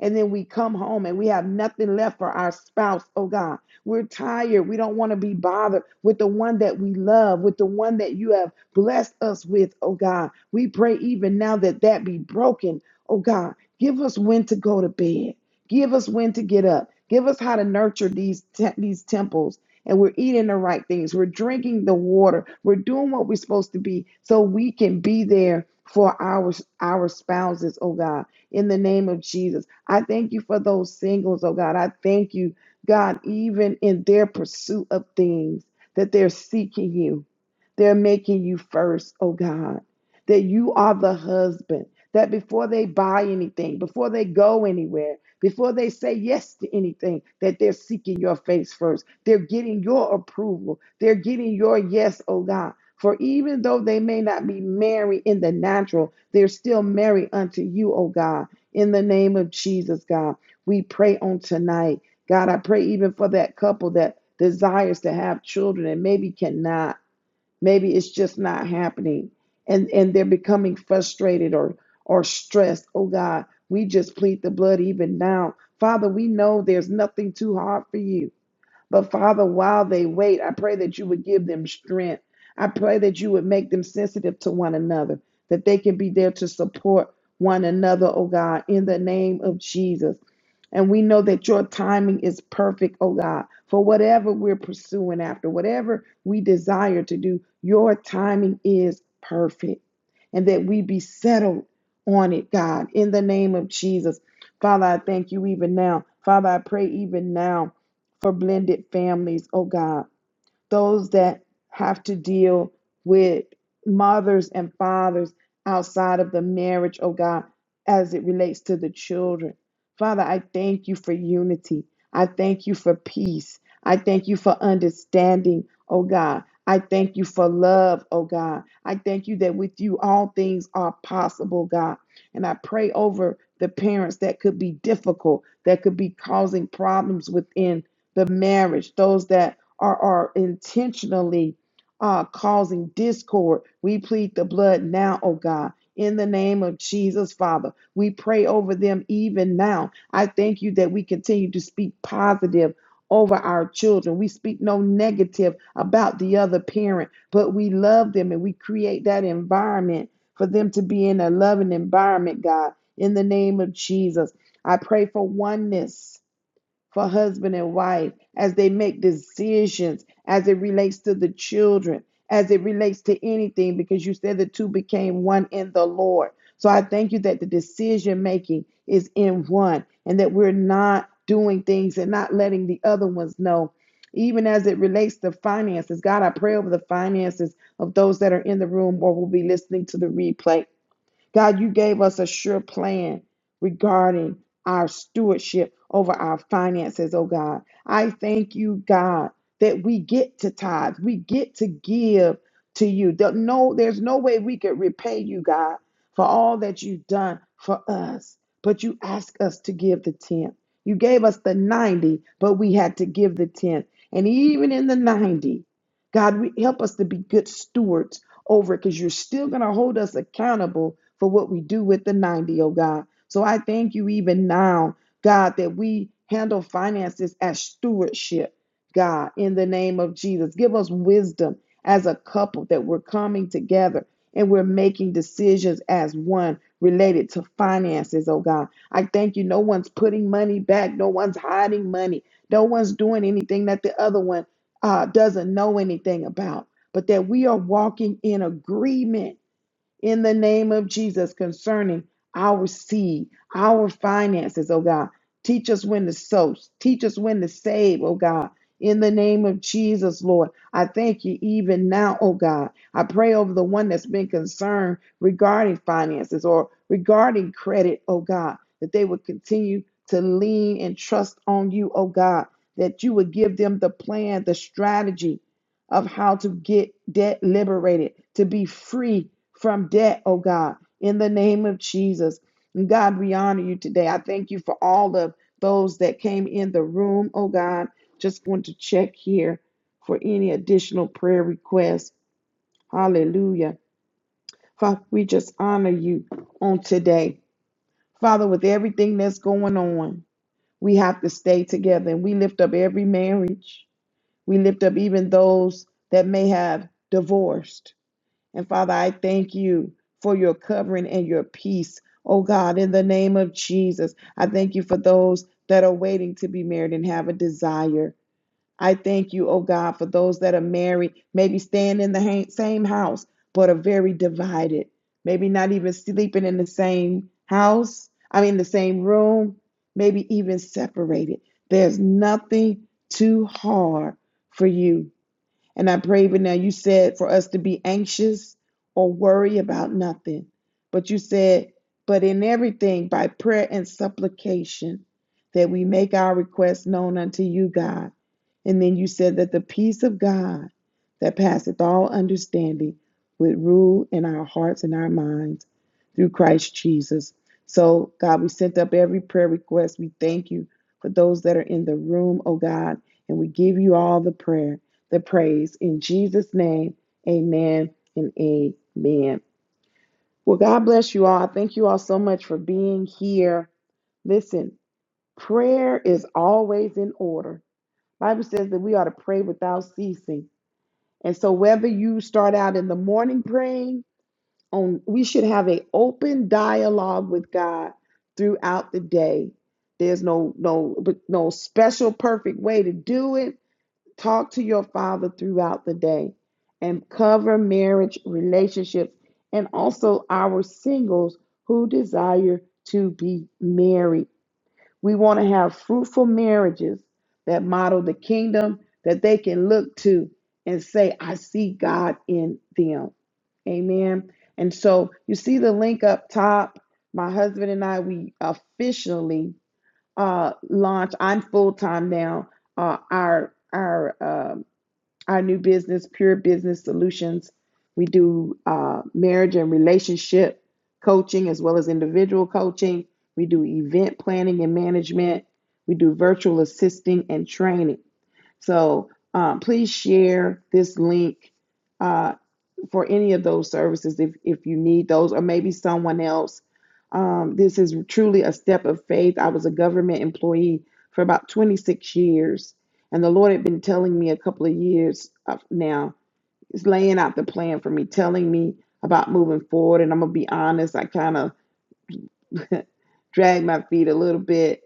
And then we come home and we have nothing left for our spouse. Oh God, we're tired. We don't want to be bothered with the one that we love, with the one that you have blessed us with. Oh God, we pray even now that that be broken. Oh God, give us when to go to bed. Give us when to get up. Give us how to nurture these te- these temples. And we're eating the right things. We're drinking the water. We're doing what we're supposed to be so we can be there for our our spouses, oh God, in the name of Jesus. I thank you for those singles, oh God. I thank you, God, even in their pursuit of things that they're seeking you. They're making you first, oh God. That you are the husband that before they buy anything, before they go anywhere, before they say yes to anything, that they're seeking your face first. They're getting your approval. They're getting your yes, oh God. For even though they may not be married in the natural, they're still married unto you, oh God. In the name of Jesus, God, we pray on tonight. God, I pray even for that couple that desires to have children and maybe cannot maybe it's just not happening and and they're becoming frustrated or or stressed oh god we just plead the blood even now father we know there's nothing too hard for you but Father, while they wait, I pray that you would give them strength. I pray that you would make them sensitive to one another, that they can be there to support one another, oh God, in the name of Jesus. And we know that your timing is perfect, oh God, for whatever we're pursuing after, whatever we desire to do, your timing is perfect. And that we be settled on it, God, in the name of Jesus. Father, I thank you even now. Father, I pray even now for blended families, oh God those that have to deal with mothers and fathers outside of the marriage, oh God, as it relates to the children. Father, I thank you for unity. I thank you for peace. I thank you for understanding, oh God. I thank you for love, oh God. I thank you that with you all things are possible, God. And I pray over the parents that could be difficult, that could be causing problems within the marriage, those that or are intentionally uh, causing discord. We plead the blood now, oh God. In the name of Jesus, Father, we pray over them even now. I thank you that we continue to speak positive over our children. We speak no negative about the other parent, but we love them and we create that environment for them to be in a loving environment, God. In the name of Jesus, I pray for oneness for husband and wife as they make decisions as it relates to the children, as it relates to anything, because you said the two became one in the Lord. So I thank you that the decision making is in one and that we're not doing things and not letting the other ones know. Even as it relates to finances, God, I pray over the finances of those that are in the room or will be listening to the replay. God, you gave us a sure plan regarding our stewardship over our finances, oh God. I thank you, God, that we get to tithe, we get to give to you. There- No, there's no way we could repay you, God, for all that you've done for us. But you ask us to give the tenth. You gave us the 90, but we had to give the tenth. And even in the 90, God, we, help us to be good stewards over it because you're still going to hold us accountable for what we do with the 90, O God. So I thank you even now, God, that we handle finances as stewardship, God, in the name of Jesus. Give us wisdom as a couple that we're coming together and we're making decisions as one related to finances, oh God. I thank you. No one's putting money back, no one's hiding money, no one's doing anything that the other one uh, doesn't know anything about but that we are walking in agreement in the name of Jesus concerning our seed, our finances, oh God. Teach us when to sow, teach us when to save, oh God. In the name of Jesus, Lord, I thank you even now, oh God. I pray over the one that's been concerned regarding finances or regarding credit, oh God, that they would continue to lean and trust on you, oh God, that you would give them the plan, the strategy, of how to get debt liberated, to be free from debt, oh God, in the name of Jesus. And God, we honor you today. I thank you for all of those that came in the room, oh God. Just going to check here for any additional prayer requests. Hallelujah. Father, we just honor you on today. Father, with everything that's going on, we have to stay together and we lift up every marriage. We lift up even those that may have divorced. And Father, I thank you for your covering and your peace. Oh God, in the name of Jesus, I thank you for those that are waiting to be married and have a desire. I thank you, oh God, for those that are married, maybe staying in the same house, but are very divided, maybe not even sleeping in the same house, I mean, the same room, maybe even separated. There's nothing too hard for you. And I pray even now, you said for us to be anxious or worry about nothing. But you said, but in everything, by prayer and supplication, that we make our requests known unto you, God. And then you said that the peace of God that passeth all understanding would rule in our hearts and our minds through Christ Jesus. So, God, we sent up every prayer request. We thank you for those that are in the room, oh God, and we give you all the prayer the praise. In Jesus' name, amen and amen. Well, God bless you all. I thank you all so much for being here. Listen, prayer is always in order. Bible says that we ought to pray without ceasing. And so whether you start out in the morning praying, on we should have an open dialogue with God throughout the day. There's no no no special perfect way to do it Talk to your father throughout the day and cover marriage relationships and also our singles who desire to be married. We want to have fruitful marriages that model the kingdom that they can look to and say, I see God in them. Amen. And so you see the link up top. My husband and I, we officially uh, launch. I'm full time now. Uh, our our uh, our new business, Pure Business Solutions. We do uh, marriage and relationship coaching as well as individual coaching. We do event planning and management. We do virtual assisting and training. So um, please share this link Uh, for any of those services if, if you need those or maybe someone else. Um, this is truly a step of faith. I was a government employee for about 26 years, and the Lord had been telling me a couple of years uh, now. He's laying out the plan for me, telling me about moving forward. And I'm going to be honest, I kind of dragged my feet a little bit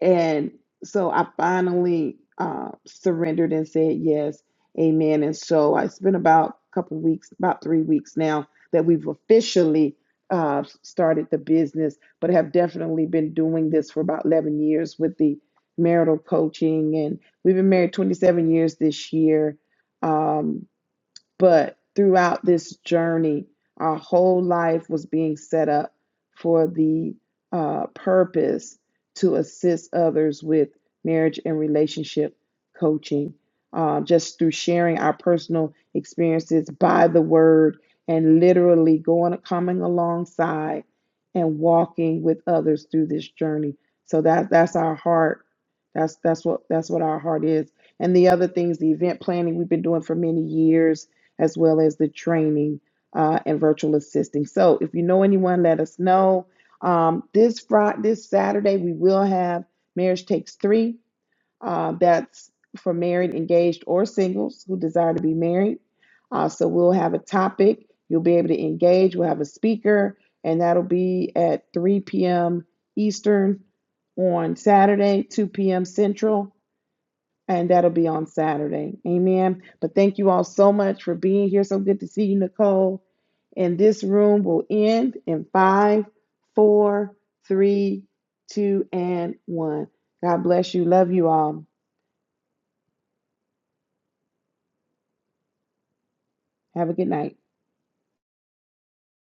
and so I finally uh, surrendered and said yes, amen. And so I spent about a couple weeks, about three weeks now, that we've officially uh, started the business, but have definitely been doing this for about 11 years with the marital coaching. And we've been married 27 years this year. Um, but throughout this journey, our whole life was being set up for the uh, purpose to assist others with marriage and relationship coaching, uh, just through sharing our personal experiences by the word and literally going coming alongside and walking with others through this journey. So that that's our heart. That's that's what that's what our heart is. And the other things, the event planning we've been doing for many years as well as the training uh, and virtual assisting. So if you know anyone, let us know. Um, this Friday, this Saturday, we will have Marriage Takes Three. Uh, that's for married, engaged, or singles who desire to be married. Uh, so we'll have a topic. You'll be able to engage. We'll have a speaker, and that'll be at 3 p.m. Eastern on Saturday, 2 p.m. Central and that'll be on Saturday. Amen. But thank you all so much for being here. So good to see you, Nicole. And this room will end in five, four, three, two, and one. God bless you. Love you all. Have a good night.